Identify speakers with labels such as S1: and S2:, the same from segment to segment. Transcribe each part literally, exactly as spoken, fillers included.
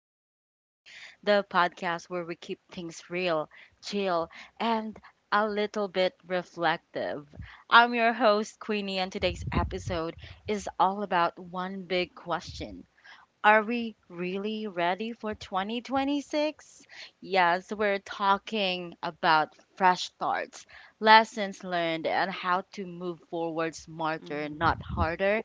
S1: with Greenie, the podcast where we keep things real, chill, and a little bit reflective. I'm your host, Queenie, and today's episode is all about one big question. Are we really ready for twenty twenty-six? Yes, we're talking about fresh starts, lessons learned, and how to move forward smarter,
S2: Mm-hmm.
S1: not harder.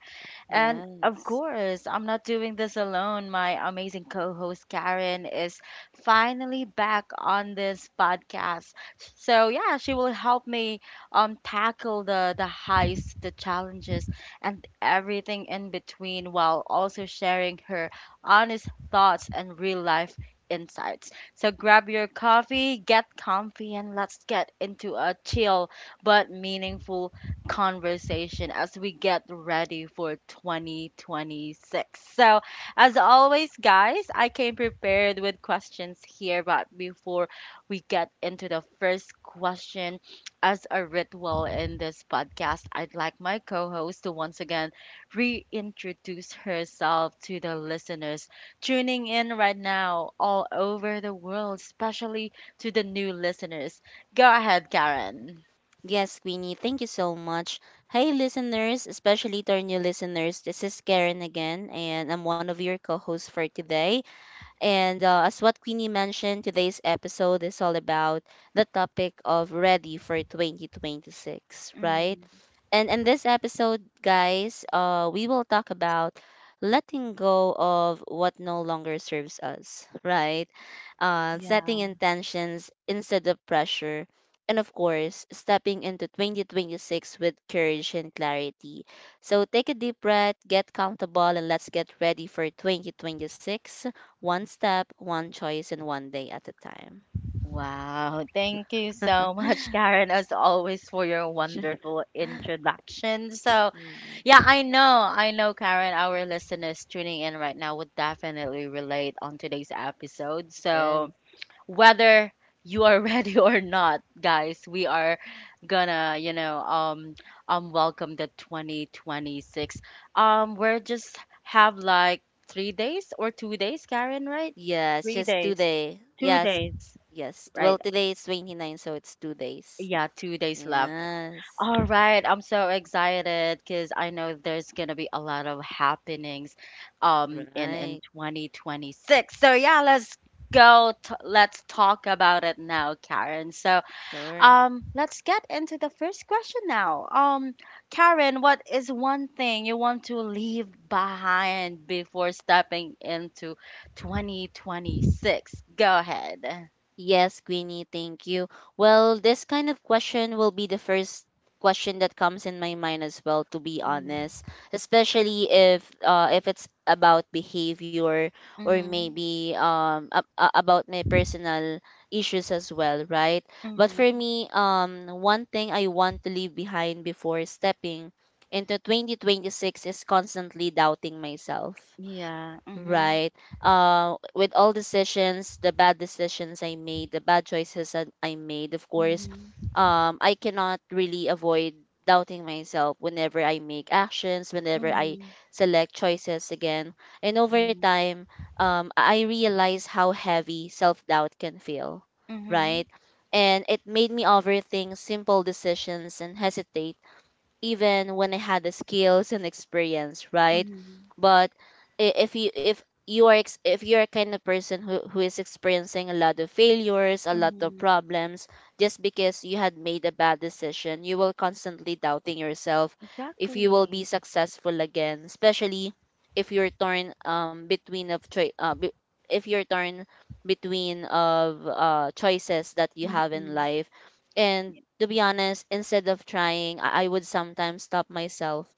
S1: And of
S2: Yes.
S1: course, I'm not doing this alone. My amazing co host Karen is finally back on this podcast. So, yeah, she will help me um, tackle the, the heists, the challenges, and everything in between while also sharing her honest thoughts and real life insights. So, grab your coffee, get comfy, and let's get into a chill but meaningful conversation as we get ready for twenty twenty-six. So, as always, guys, I came prepared with questions here, but before we get into the first question, as a ritual in this podcast, I'd like my co host to once again reintroduce herself to the listeners tuning in right now all over the world, especially to the new listeners. Go ahead, Karen.
S2: Yes, Queenie, thank you so much. Hey, listeners, especially to our new listeners. This is Karen again, and I'm one of your co hosts for today. And uh, as what Queenie mentioned, today's episode is all about the topic of ready for twenty twenty-six, right?
S1: Mm.
S2: And in this episode, guys, uh, we will talk about letting go of what no longer serves us, right? Uh, setting
S1: Yeah.
S2: intentions instead of pressure. And of course, stepping into twenty twenty-six with courage and clarity. So take a deep breath, get comfortable, and let's get ready for twenty twenty-six. One step, one choice, and one day at a time.
S1: Wow, thank you so much, Karen, as always, for your wonderful introduction. So,
S2: Mm,
S1: yeah, I know, I know, Karen, our listeners tuning in right now would definitely relate on today's episode.
S2: yes.
S1: So, whether you are ready or not, guys, we are gonna, you know, um, um, welcome the twenty twenty-six. Um, we're just have like three days or two days, Karen, right?
S2: Yes,
S1: Three
S2: just
S1: days,
S2: today.
S1: two
S2: Yes.
S1: days,
S2: Yes. Well,
S1: right?
S2: today is twenty-nine, so it's two days.
S1: Yeah, two days left.
S2: Yes.
S1: All right, I'm so excited because I know there's gonna be a lot of happenings, um, in
S2: Right.
S1: in twenty twenty-six. So yeah, let's go. T- let's talk about it now, Karen. So
S2: Sure.
S1: um, let's get into the first question now. Um, Karen, what is one thing you want to leave behind before stepping into twenty twenty-six? Go ahead.
S2: Yes, Queenie, thank you. Well, this kind of question will be the first question that comes in my mind as well, to be honest.
S1: Mm-hmm.
S2: Especially if uh, if it's about behavior or maybe um ab- a- about my personal issues as well, right? But for
S1: Mm-hmm.
S2: me, um, one thing I want to leave behind before stepping into twenty twenty-six is constantly doubting myself.
S1: Yeah. Mm-hmm.
S2: Right. Uh, with all decisions, the bad decisions I made, the bad choices that I made, of course,
S1: Mhm.
S2: um, I cannot really avoid doubting myself whenever I make actions, whenever I
S1: Mhm.
S2: select choices again. And
S1: Yeah.
S2: over time, um, I realize how heavy self doubt can feel,
S1: Mhm.
S2: right? And it made me overthink simple decisions and hesitate even when I had the skills and experience, right?
S1: Mhm.
S2: But i- if you if you are ex- if you're a kind of person who, who is experiencing a lot of failures, a lot of
S1: Mhm.
S2: problems, just because you had made a bad decision, you will constantly doubting yourself if you will be
S1: Exactly.
S2: successful again, especially if you're torn um between of choi- uh, be- if you're torn between of uh, choices that you have in
S1: Mm-mm.
S2: life. And to be honest, instead of trying, I, I would sometimes stop myself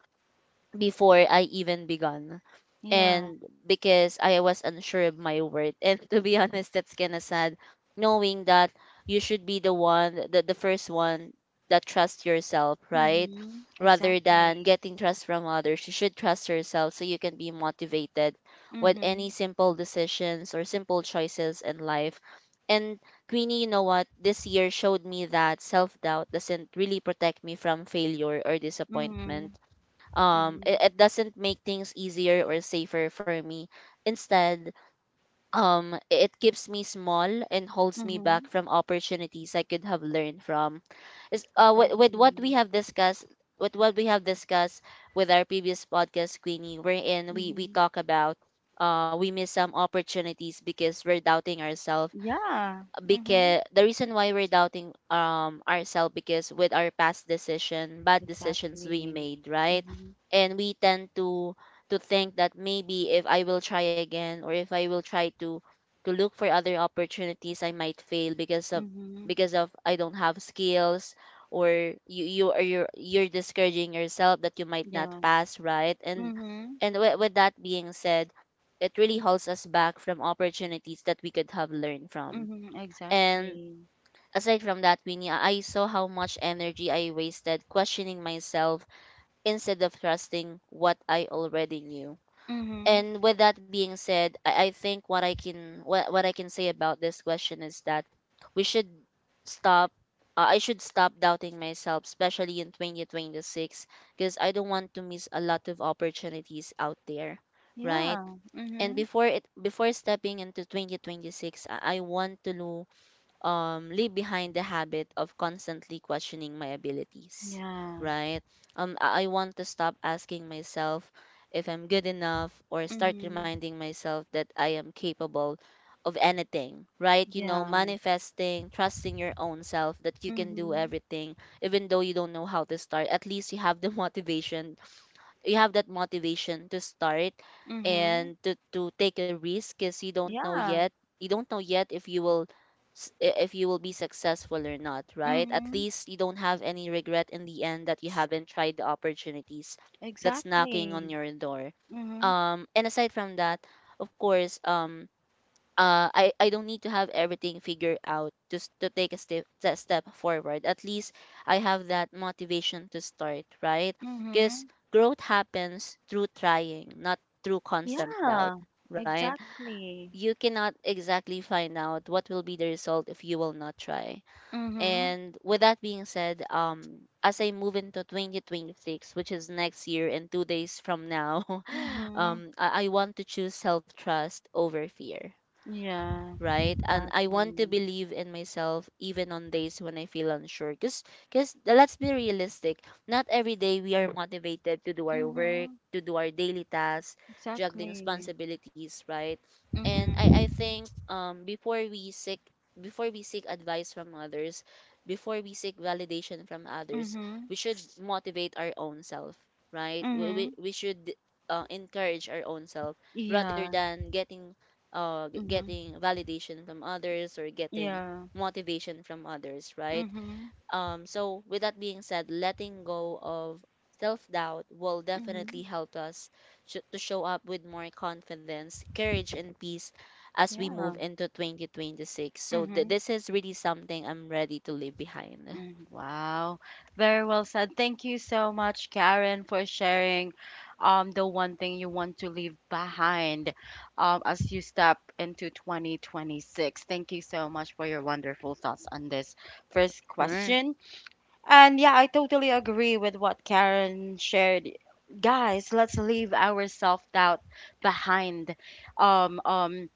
S2: before I even begun.
S1: Yeah.
S2: And because I was unsure of my worth. And to be honest, that's kind of sad knowing that you should be the one, the, the first one that trusts yourself, right?
S1: Mhm.
S2: Rather than
S1: Exactly.
S2: getting trust from others, you should trust yourself so you can be motivated with any
S1: Mhm.
S2: simple decisions or simple choices in life. And Queenie, you know what? This year showed me that self doubt doesn't really protect me from failure or disappointment.
S1: Mhm.
S2: um
S1: Mhm.
S2: it, it doesn't make things easier or safer for me. Instead, um it keeps me small and holds me
S1: Mhm.
S2: back from opportunities I could have learned from. Is uh with, with what
S1: Exactly.
S2: we have discussed, with what we have discussed with our previous podcast, Queenie, wherein we we
S1: Mhm.
S2: talk about uh we miss some opportunities because we're doubting ourselves,
S1: Yeah. Mhm.
S2: because the reason why we're doubting um ourselves because with our past decision, bad decisions we
S1: Exactly.
S2: made, right?
S1: Mhm.
S2: And we tend to to think that maybe if I will try again, or if I will try to to look for other opportunities, I might fail because of
S1: Mhm.
S2: because of I don't have skills, or you you are you're, you're discouraging yourself that you might not
S1: Yeah.
S2: pass, right? and
S1: Mhm.
S2: and with, with that being said, it really holds us back from opportunities that we could have learned from.
S1: Mhm.
S2: And
S1: Exactly.
S2: aside from that, Winnie, I I saw how much energy I wasted questioning myself instead of trusting what I already knew.
S1: Mhm.
S2: And with that being said, I, I think what I can what, what I can say about this question is that we should stop uh, I should stop doubting myself, especially in twenty twenty-six, because I don't want to miss a lot of opportunities out there, right?
S1: Yeah.
S2: And
S1: Mhm.
S2: before it before stepping into twenty twenty-six, i I want to know, um, leave behind the habit of constantly questioning my abilities,
S1: Yeah.
S2: right? Um, I I want to stop asking myself if I'm good enough, or start
S1: Mhm.
S2: reminding myself that I am capable of anything, right? You know,
S1: Yeah.
S2: manifesting, trusting your own self that you can do
S1: Mhm.
S2: everything, even though you don't know how to start. At least you have the motivation, you have that motivation to start
S1: Mhm.
S2: and to, to take a risk, because you don't know
S1: Yeah.
S2: yet, you don't know yet if you will s- i- if you will be successful or not, right? At
S1: Mhm.
S2: least you don't have any regret in the end that you haven't tried the opportunities that's knocking on
S1: Exactly.
S2: your door.
S1: Mhm.
S2: um and aside from that, of course, um uh, I, I don't need to have everything figured out just to take a step, a step forward. At least I have that motivation to start, right? Because
S1: Mhm.
S2: growth happens through trying, not through constant doubt,
S1: Yeah.
S2: right?
S1: Exactly.
S2: You cannot exactly find out what will be the result if you will not try.
S1: Mhm.
S2: And with that being said, um, as I move into twenty twenty-six, which is next year and two days from now,
S1: Mhm.
S2: um, I, I want to choose self trust over fear,
S1: Yeah.
S2: right? And I want to
S1: Exactly.
S2: believe in myself even on days when I feel unsure. Because because 'cause let's be realistic. Not every day we are motivated to do our work,
S1: Mhm.
S2: to do our daily tasks, juggling
S1: Exactly.
S2: responsibilities, right? And I, I think
S1: Mhm.
S2: um before we seek, before we seek advice from others, before we seek validation from others,
S1: Mhm.
S2: we should motivate our own self, right? We, we,
S1: Mhm.
S2: we should uh, encourage our own self rather than
S1: Yeah.
S2: getting uh, g-
S1: Mhm.
S2: getting validation from others or getting
S1: Yeah.
S2: motivation from others, right?
S1: Mhm.
S2: Um, so, with that being said, letting go of self doubt will definitely
S1: Mhm.
S2: help us sh- to show up with more confidence, courage, and peace as we move
S1: Yeah.
S2: into twenty twenty-six. So, th-
S1: Mhm.
S2: this is really something I'm ready to leave behind.
S1: Mm. Wow. Very well said. Thank you so much, Karen, for sharing um the one thing you want to leave behind um as you step into twenty twenty-six. Thank you so much for your wonderful thoughts on this first
S2: Sure.
S1: question. And yeah, I totally agree with what Karen shared. Guys, let's leave our self-doubt behind. Um um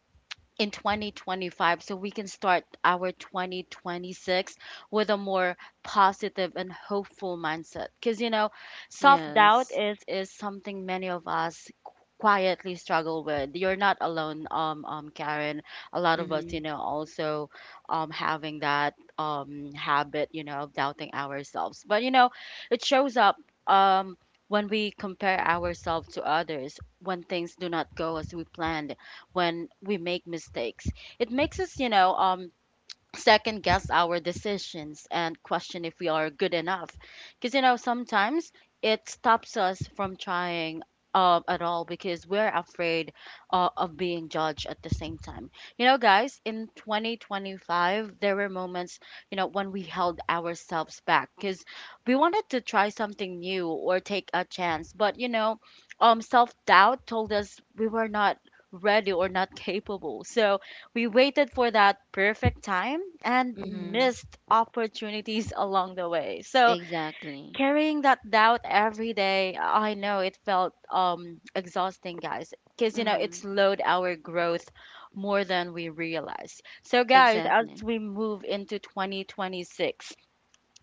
S1: in twenty twenty-five so we can start our twenty twenty-six with a more positive and hopeful mindset, because you know,
S2: Yes.
S1: self-doubt is is something many of us quietly struggle with. You're not alone, um, um Karen. A lot of us,
S2: Mm-hmm.
S1: you know, also um having that um habit, you know, of doubting ourselves. But you know, it shows up um when we compare ourselves to others, when things do not go as we planned, when we make mistakes. It makes us, you know, um, second guess our decisions and question if we are good enough, because you know, sometimes it stops us from trying uh, at all, because we're afraid uh, of being judged. At the same time, you know, guys, in twenty twenty-five there were moments, you know, when we held ourselves back because we wanted to try something new or take a chance, but you know, um, self-doubt told us we were not ready or not capable, so we waited for that perfect time and
S2: Mm-hmm.
S1: missed opportunities along the way. So
S2: Exactly.
S1: carrying that doubt every day, I know it felt um exhausting, guys, because you know it
S2: Mm-hmm.
S1: slowed our growth more than we realized. So guys, as
S2: Exactly.
S1: we move into twenty twenty-six,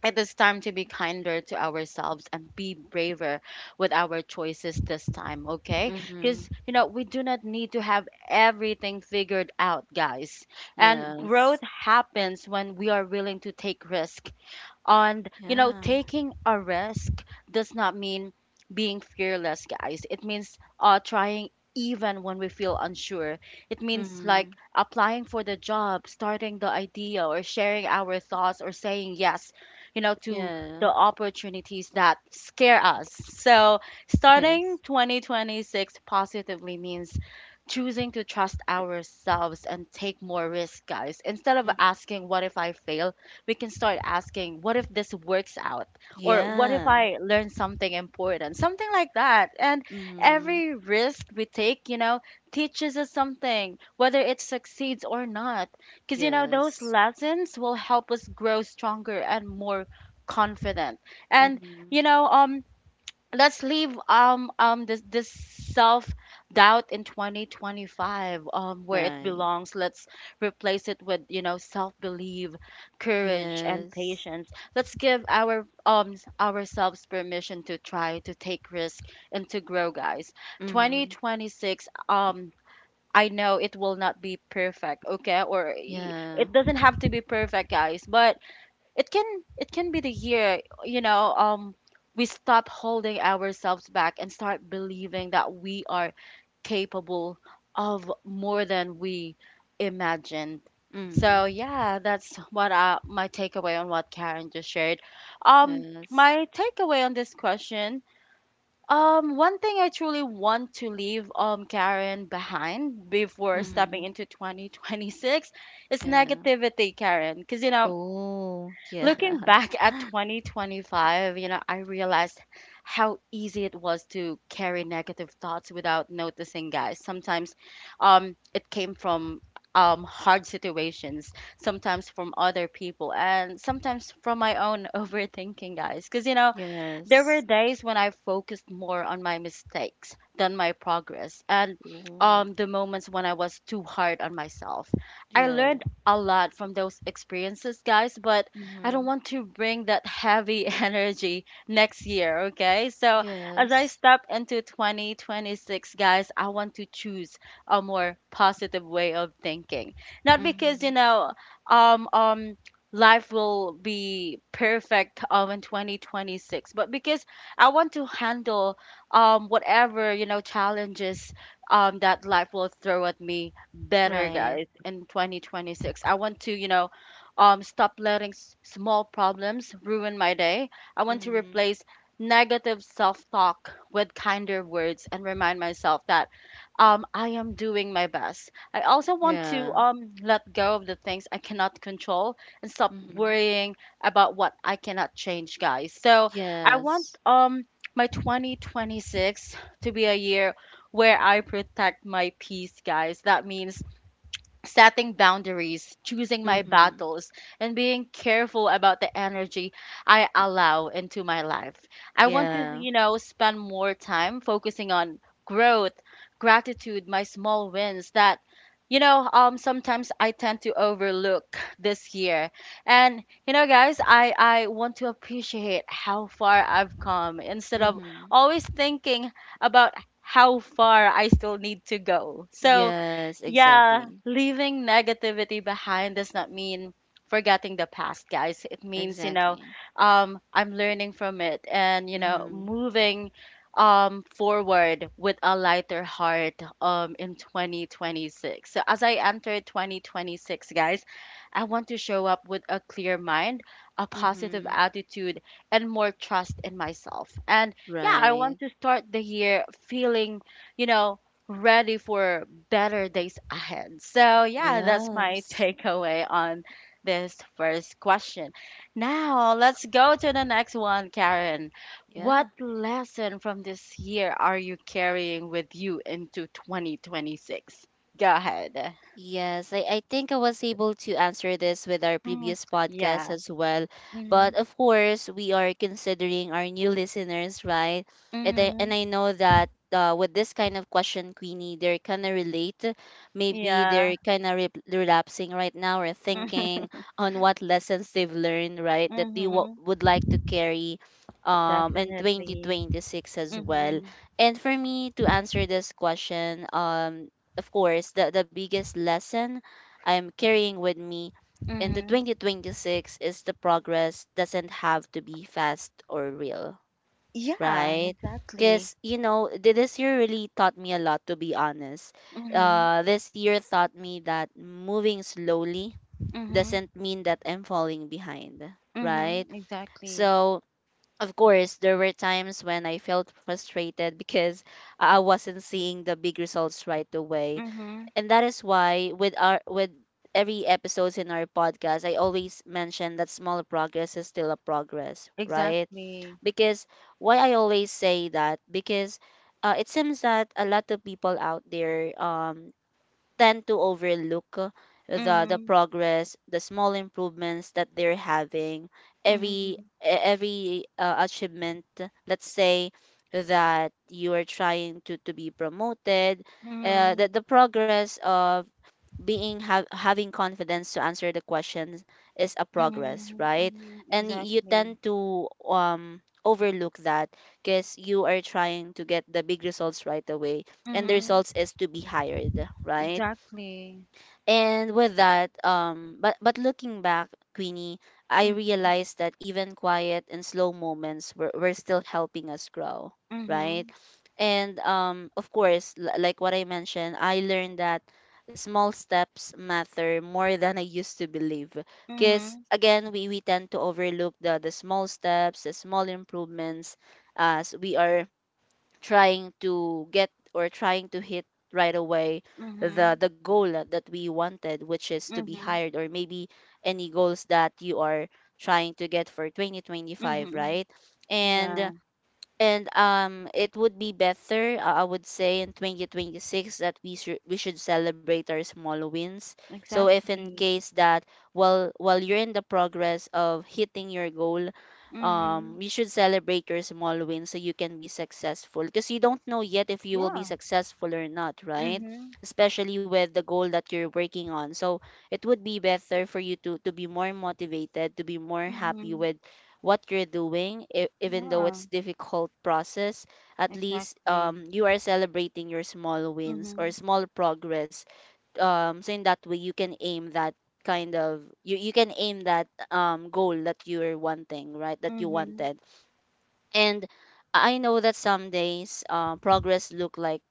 S1: it is time to be kinder to ourselves and be braver with our choices this time, okay?
S2: Mm-hmm.
S1: Because, you know, we do not need to have everything figured out, guys. And
S2: Yes.
S1: growth happens when we are willing to take risk. And, you know,
S2: Yeah.
S1: taking a risk does not mean being fearless, guys. It means uh, trying even when we feel unsure. It means
S2: Mm-hmm.
S1: like applying for the job, starting the idea, or sharing our thoughts, or saying yes, you know, to
S2: Yeah.
S1: the opportunities that scare us. So,
S2: Yes.
S1: starting twenty twenty-six positively means choosing to trust ourselves and take more risk, guys. Instead of
S2: Mm.
S1: asking, "What if I fail?" we can start asking, "What if this works out?" Or, "What if
S2: Yeah.
S1: I learn something important?" Something like that. And
S2: Mm-hmm.
S1: every risk we take, you know, teaches us something, whether it succeeds or not. Because, you know,
S2: Yes.
S1: those lessons will help us grow stronger and more confident. And,
S2: Mm-hmm.
S1: you know, um, let's leave um um this this self doubt in twenty twenty-five um where it
S2: Right.
S1: belongs. Let's replace it with, you know, self belief, courage, and
S2: Yes.
S1: patience. Let's give our um s- ourselves permission to try, to take risk, and to grow, guys.
S2: Mm-hmm.
S1: twenty twenty-six, um, I know it will not be perfect, okay, or i-
S2: Yeah.
S1: it doesn't have to be perfect, guys, but it can, it can be the year, you know, um, we stop holding ourselves back and start believing that we are capable of more than we imagined. So
S2: Mm-hmm.
S1: yeah, that's what uh, my takeaway on what Karen just shared, um,
S2: Yes.
S1: my takeaway on this question. Um, one thing I truly want to leave um Karen behind before
S2: Mm-hmm.
S1: stepping into twenty twenty-six is
S2: Yeah.
S1: negativity, Karen, because you know,
S2: Oh,
S1: looking
S2: yeah.
S1: back at twenty twenty-five, you know, I realized how easy it was to carry negative thoughts without noticing, guys. Sometimes um, it came from um, hard situations, sometimes from other people, and sometimes from my own overthinking, guys. Because, you know, there
S2: Yes.
S1: were days when I focused more on my mistakes than my progress, and
S2: Oh,
S1: um, the moments when I was too hard on myself. I learned
S2: yeah.
S1: a lot from those experiences, guys, but I don't
S2: Mm-hmm.
S1: want to bring that heavy energy next year, okay? So, as I
S2: Yes.
S1: step into twenty twenty-six, guys, I want to choose a more positive way of thinking. Not because, you
S2: Mm-hmm.
S1: know, um, um, life will be perfect um in twenty twenty-six, but because I want to handle um whatever, you know, challenges um that life will throw at me better,
S2: Right.
S1: guys. In twenty twenty-six I want to, you know, um, stop letting s- small problems ruin my day. I want to
S2: Mm-hmm.
S1: replace negative self-talk with kinder words and remind myself that um, I am doing my best. I also want to
S2: Yeah.
S1: um, let go of the things I cannot control and stop
S2: Mm-hmm.
S1: worrying about what I cannot change, guys. So I want
S2: Yes.
S1: um my twenty twenty-six to be a year where I protect my peace, guys. That means setting boundaries, choosing my
S2: Mm-hmm.
S1: battles, and being careful about the energy I allow into my life. I want to,
S2: Yeah.
S1: you know, spend more time focusing on growth, gratitude, my small wins that, you know, um, sometimes I tend to overlook this year. And you know guys, i i want to appreciate how far I've come instead of
S2: Mm-hmm.
S1: always thinking about how far I still need to go. So
S2: Yes,
S1: yeah,
S2: exactly.
S1: leaving negativity behind does not mean forgetting the past, guys. It means, you know,
S2: Exactly.
S1: um, I'm learning from it and, you know,
S2: Mm-hmm.
S1: moving um, forward with a lighter heart um, in twenty twenty-six. So, as I enter twenty twenty-six, guys, I want to show up with a clear mind, a positive
S2: Mm-hmm.
S1: attitude, and more trust in myself. And yeah, I
S2: Right.
S1: want to start the year feeling, you know, ready for better days ahead. So, yeah, that's
S2: Yes.
S1: my takeaway on this first question. Now, let's go to the next one, Karen.
S2: Yeah.
S1: What lesson from this year are you carrying with you into twenty twenty-six? Go ahead.
S2: Yes, I, I think I was able to answer this with our
S1: Mhm.
S2: previous podcast
S1: Yeah.
S2: as well.
S1: Hmm.
S2: But of course, we are considering our new listeners, right? And I, and
S1: Hmm.
S2: I know that uh, with this kind of question, Queenie, they're kind of relate. Maybe they're
S1: Yeah.
S2: kind of re- relapsing right now or thinking on what lessons they've learned, right? That they w-
S1: Hmm.
S2: would like to carry um, in
S1: Definitely.
S2: twenty twenty-six as well.
S1: Hmm.
S2: And for me to answer this question, um, of course, the, the biggest lesson I'm carrying with me into
S1: Hmm.
S2: twenty twenty-six is the progress doesn't have to be fast or real,
S1: Yeah,
S2: right? Because,
S1: exactly.
S2: you know, th- this year really taught me a lot, to be honest.
S1: Hmm.
S2: Uh, this year taught me that moving slowly
S1: Hmm.
S2: doesn't mean that I'm falling behind, right?
S1: Mm-hmm. Exactly.
S2: So, of course, there were times when I felt frustrated because I wasn't seeing the big results right away.
S1: Mm-hmm.
S2: And that is why with our with every episodes in our podcast, I always mention that small progress is still a progress, right?
S1: Exactly.
S2: Because why I always say that, because uh, it seems that a lot of people out there um tend to overlook uh, the the
S1: Mm-hmm.
S2: progress, the small improvements that they're having, every e-
S1: Mm-hmm.
S2: every uh, achievement. Let's say that you are trying to to be promoted, uh,
S1: Mm-hmm.
S2: that the progress of being ha- having confidence to answer the questions is a progress,
S1: Mm-hmm.
S2: right?
S1: Mm-hmm.
S2: And y- you
S1: Exactly.
S2: tend to um overlook that because you are trying to get the big results right away, and the
S1: Mm-hmm.
S2: results is to be hired, right?
S1: Exactly.
S2: And with that, um, but but looking back, Queenie, I
S1: Mm-hmm.
S2: realized that even quiet and slow moments were, were still helping us grow, right?
S1: Mm-hmm.
S2: And um, of course, l- like what I mentioned, I learned that small steps matter more than I used to believe. Because
S1: Mm-hmm.
S2: again, we, we tend to overlook the, the small steps, the small improvements, as we are trying to get or trying to hit right away the
S1: Mm-hmm.
S2: the goal that that we wanted, which is to be
S1: Mm-hmm.
S2: hired, or maybe any goals that you are trying to get for twenty twenty-five,
S1: Mm-hmm.
S2: right?
S1: Yeah.
S2: And and um, it would be better, uh, I would say, in twenty twenty-six that we should we should celebrate our small wins. So if in
S1: Exactly.
S2: case that while while you're in the progress of hitting your goal,
S1: Mm-hmm.
S2: um, you should celebrate your small wins so you can be successful. Because you don't know yet if you will be
S1: Yeah.
S2: successful or not, right?
S1: Mm-hmm.
S2: Especially with the goal that you're working on. So it would be better for you to to be more motivated, to be more happy
S1: Mm-hmm.
S2: with what you're doing e- even though
S1: Yeah.
S2: it's difficult process. At least
S1: Exactly.
S2: um, you are celebrating your small wins or
S1: Mm-hmm.
S2: small progress, um, so in that way you can aim that, kind of you, you can aim that um, goal that you're wanting, right, that you
S1: Mm-hmm.
S2: wanted. And I know that some days uh, progress look like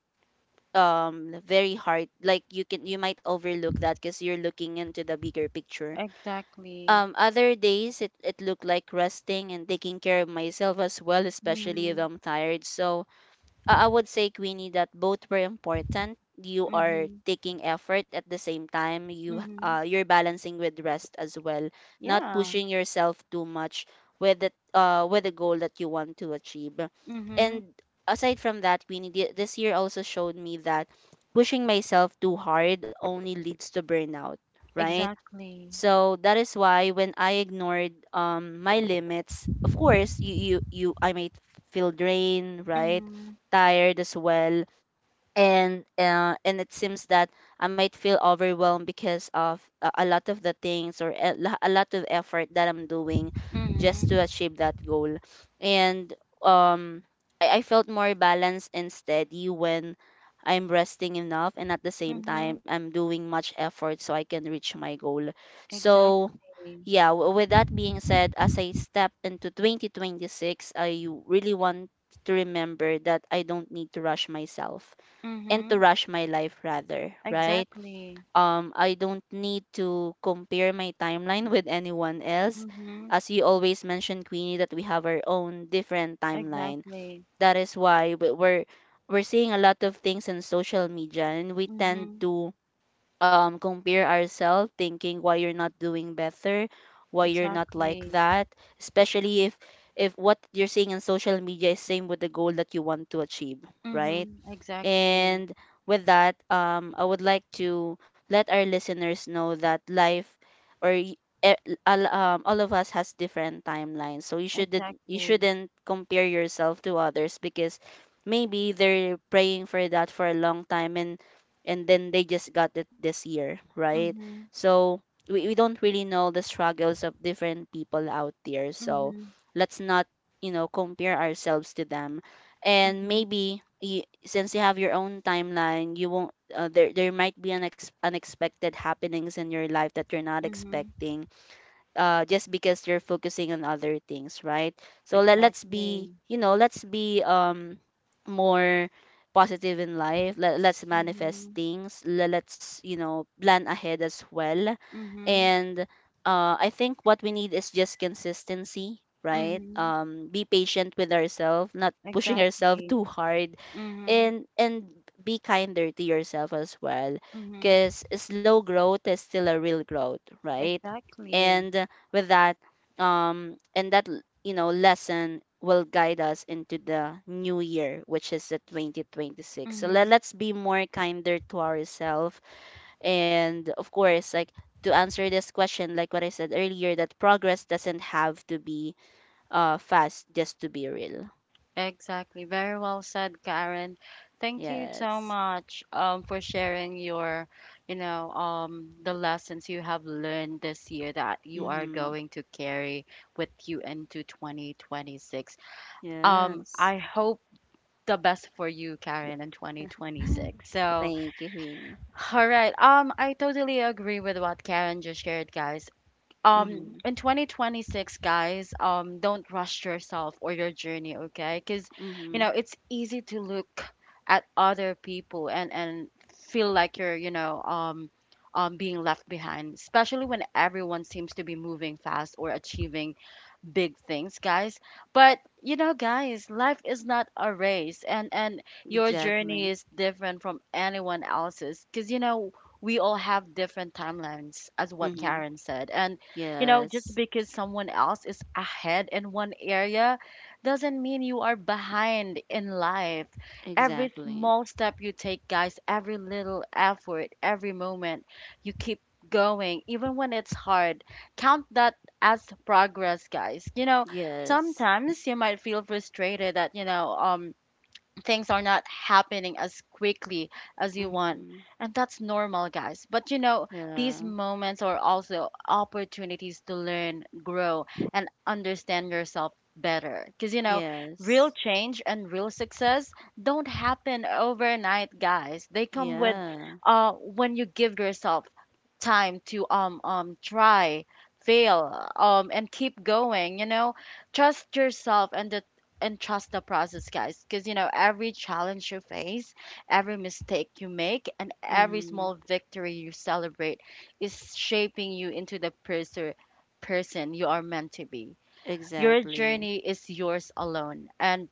S2: um very hard, like you can, you might overlook that because you're looking into the bigger picture.
S1: Exactly.
S2: Um, other days, it, it looked like resting and taking care of myself as well, especially if
S1: Mm-hmm.
S2: I'm tired. So I I would say, Queenie, that both were important. You are
S1: Mm-hmm.
S2: taking effort at the same time. You
S1: Mm-hmm.
S2: uh, you're balancing with rest as well, not
S1: Yeah.
S2: pushing yourself too much with the uh with the goal that you want to achieve.
S1: Mm-hmm.
S2: And aside from that, Queenie, thi- this year also showed me that pushing myself too hard only leads to burnout, right?
S1: Exactly.
S2: So that is why when I ignored um my limits, of course you you, you I might feel drained, right?
S1: Mm.
S2: Tired as well. And uh, and it seems that I might feel overwhelmed because of a, a lot of the things or a, lo- a lot of effort that I'm doing just
S1: Mhm.
S2: to achieve that goal. And um, I, I felt more balanced and steady when I'm resting enough, and at the same
S1: Mhm.
S2: time I'm doing much effort so I can reach my goal. So.
S1: Exactly.
S2: Yeah, w- with that being said, as I step into twenty twenty-six, I really want to remember that I don't need to rush myself and to
S1: Mhm,
S2: rush my life rather, right?
S1: exactly.
S2: Um, I don't need to compare my timeline with anyone else.
S1: Mhm,
S2: As you always mentioned, Queenie, that we have our own different timeline.
S1: exactly.
S2: That is why we- we're we're seeing a lot of things in social media, and we tend
S1: Mhm,
S2: to um compare ourselves, thinking why you're not doing better, why you're not like
S1: exactly.
S2: that. Especially if if what you're seeing in social media is same with the goal that you want to achieve, right?
S1: Mhm, exactly.
S2: And with that, um, I would like to let our listeners know that life or y- e- all, um, all of us has different timelines. So you shouldn't you
S1: Exactly.
S2: shouldn't compare yourself to others, because maybe they're praying for that for a long time, and and then they just got it this year, right?
S1: Mhm.
S2: So we, we don't really know the struggles of different people out there. So
S1: Mhm.
S2: let's not, you know, compare ourselves to them. And
S1: Mhm.
S2: maybe y- since you have your own timeline, you won't. Uh, there there might be an ex- unexpected happenings in your life that you're not
S1: Mhm.
S2: expecting, uh, just because you're focusing on other things, right? So let, let's be,
S1: Exactly.
S2: you know, let's be um more positive in life. Let, let's manifest
S1: Mhm.
S2: things. Let, let's, you know, plan ahead as well.
S1: Mhm.
S2: And uh, I think what we need is just consistency, right?
S1: Mhm.
S2: Um, be patient with ourselves, not pushing ourselves
S1: Exactly.
S2: too hard,
S1: Mhm.
S2: and and be kinder to yourself as well,
S1: Mhm.
S2: because slow growth is still a real growth, right?
S1: Exactly.
S2: And with that, um and that l- you know lesson will guide us into the new year, which is the twenty twenty-six. So let,
S1: Mhm.
S2: let's be more kinder to ourselves, and of course, like, to answer this question, like what I said earlier, that progress doesn't have to be uh fast just to be real.
S1: Exactly. Very well said, Karen. Thank
S2: Yeah.
S1: you so much um, for sharing your, you know, um, the lessons you have learned this year that you are
S2: Hmm.
S1: going to carry with you into twenty twenty-six. Um,
S2: Yes.
S1: I hope the best for you, Karen, in twenty twenty-six. So,
S2: Thank you, Winnie.
S1: all right. Um, I totally agree with what Karen just shared, guys. Um,
S2: Mm-hmm.
S1: in twenty twenty-six, guys, um, don't rush yourself or your journey, okay? Because you
S2: Mm-hmm.
S1: know, it's easy to look at other people and and feel like you're, you know, um, um, being left behind, especially when everyone seems to be moving fast or achieving big things, guys. But you know, guys, life is not a race, and and your journey
S2: Exactly.
S1: is different from anyone else's. Because you know, we all have different timelines, as what
S2: Mm-hmm.
S1: Karen said. And you know,
S2: Yes.
S1: just because someone else is ahead in one area, doesn't mean you are behind in life. Every
S2: Exactly.
S1: small step you take, guys, every little effort, every moment you keep going, even when it's hard, count that as progress, guys. You know
S2: Yes.
S1: sometimes you might feel frustrated that you know um things are not happening as quickly as you want.
S2: Mm-hmm.
S1: And that's normal, guys. But you know,
S2: Yeah.
S1: these moments are also opportunities to learn, grow, and understand yourself better. Because you know, real
S2: Yes.
S1: change and real success don't happen overnight, guys. They come with
S2: Yeah.
S1: uh, when you give yourself time to um, um, try, fail, um, and keep going, you know, trust yourself and the and trust the process, guys. Because, you know, every challenge you face, every mistake you make, and every
S2: Mm-hmm.
S1: small victory you celebrate is shaping you into the person person you are meant to be. Your
S2: Exactly.
S1: journey is yours alone, and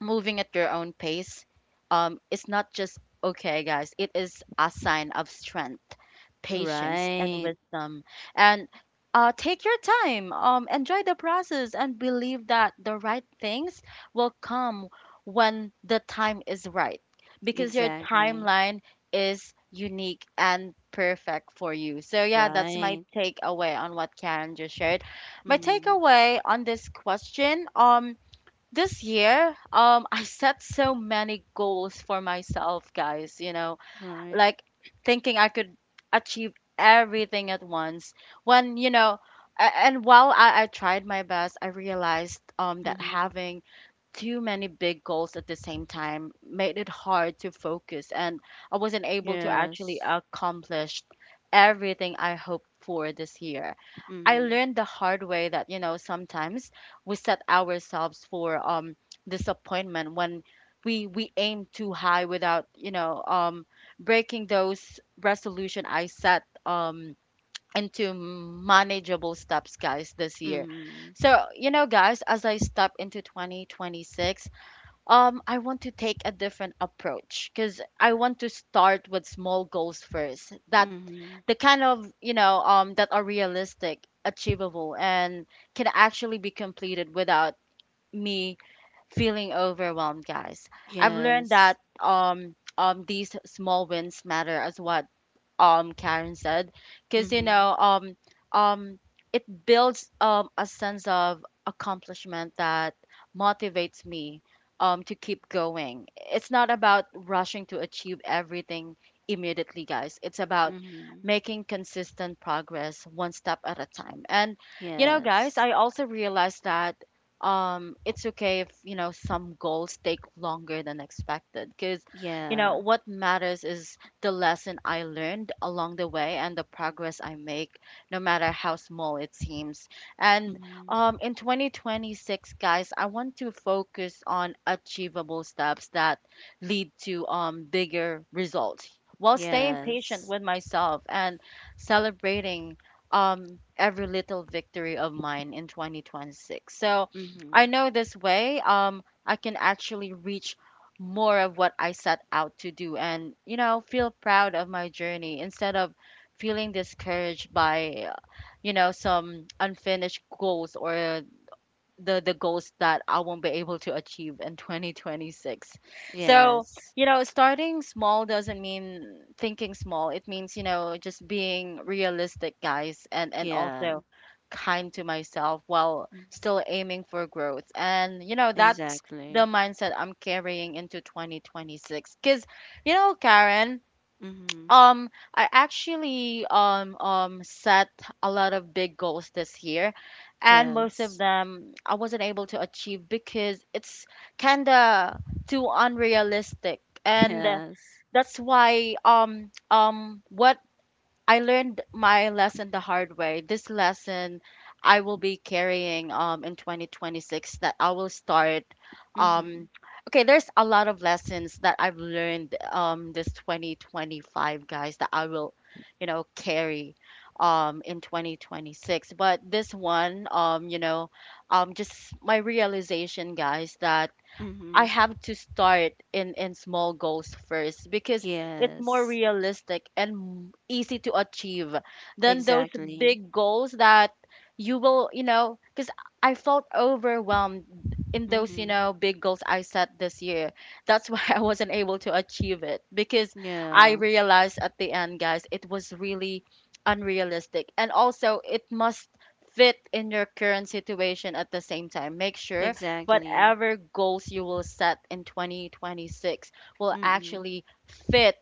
S1: moving at your own pace um, is not just okay, guys. It is a sign of strength, patience, and
S2: Right.
S1: wisdom. And uh, take your time, um, enjoy the process, and believe that the right things will come when the time is right, because your
S2: Exactly.
S1: timeline is unique and perfect for you. So yeah, that's my
S2: Right.
S1: takeaway on what Karen just shared. My
S2: Mm-hmm.
S1: takeaway on this question, um this year, um, I set so many goals for myself, guys, you know,
S2: Right.
S1: like thinking I could achieve everything at once. When, you know, a- and while I, I tried my best, I realized um, that
S2: Mm-hmm.
S1: having too many big goals at the same time made it hard to focus, and I wasn't able to
S2: Yes.
S1: actually accomplish everything I hoped for this year. I
S2: Mm-hmm.
S1: learned the hard way that, you know, sometimes we set ourselves for um disappointment when we we aim too high without, you know, um breaking those resolution I set um into manageable steps, guys, this year.
S2: Mm-hmm.
S1: So, you know, guys, as I step into twenty twenty-six, um, I want to take a different approach because I want to start with small goals first. That
S2: Mm-hmm.
S1: the kind of, you know, um, that are realistic, achievable, and can actually be completed without me feeling overwhelmed, guys. I've learned
S2: Yes.
S1: that um, um, these small wins matter as what um Karen said, because you
S2: Mm-hmm.
S1: know um um it builds um a sense of accomplishment that motivates me um to keep going. It's not about rushing to achieve everything immediately, guys. It's about
S2: Mm-hmm.
S1: making consistent progress one step at a time. And you know,
S2: Yes.
S1: guys, I also realized that um it's okay if you know some goals take longer than expected, because you know
S2: Yeah.
S1: what matters is the lesson I learned along the way and the progress I make, no matter how small it seems. And
S2: Mm-hmm.
S1: um, in twenty twenty-six, guys, I want to focus on achievable steps that lead to um, bigger results, while staying patient
S2: Yes.
S1: with myself and celebrating um, every little victory of mine in twenty twenty-six. So I
S2: Mm-hmm.
S1: know this way um, I can actually reach more of what I set out to do and, you know, feel proud of my journey instead of feeling discouraged by, you know, some unfinished goals or the the goals that I won't be able to achieve in twenty twenty-six. So,
S2: Yes.
S1: you know, starting small doesn't mean thinking small. It means, you know, just being realistic, guys, and and
S2: Yeah.
S1: also kind to myself while
S2: Mhm.
S1: still aiming for growth. And, you know, that's the
S2: Exactly.
S1: mindset I'm carrying into twenty twenty-six, cuz you know, Karen,
S2: Mm-hmm.
S1: um, I actually um um set a lot of big goals this year, and most of
S2: Yes.
S1: them I wasn't able to achieve because it's kinda too unrealistic, and
S2: Yes.
S1: that's why um um what I learned my lesson the hard way. This lesson I will be carrying um in twenty twenty-six, that I will start
S2: Mhm.
S1: um okay, there's a lot of lessons that I've learned um this twenty twenty-five, guys, that I will, you know, carry um in twenty twenty-six. But this one, um you know, um just my realization, guys, that I
S2: Mhm.
S1: have to start in in small goals first because it's more
S2: Yes.
S1: realistic and m- easy to achieve than those
S2: Exactly.
S1: big goals that you will, you know, because I felt overwhelmed in those, you
S2: Mhm.
S1: know, big goals I set this year. That's why I wasn't able to achieve it because I
S2: Yeah.
S1: realized at the end, guys, it was really unrealistic. And also, it must fit in your current situation at the same time. Make sure
S2: Exactly.
S1: whatever goals you will set in twenty twenty-six will
S2: Mhm.
S1: actually fit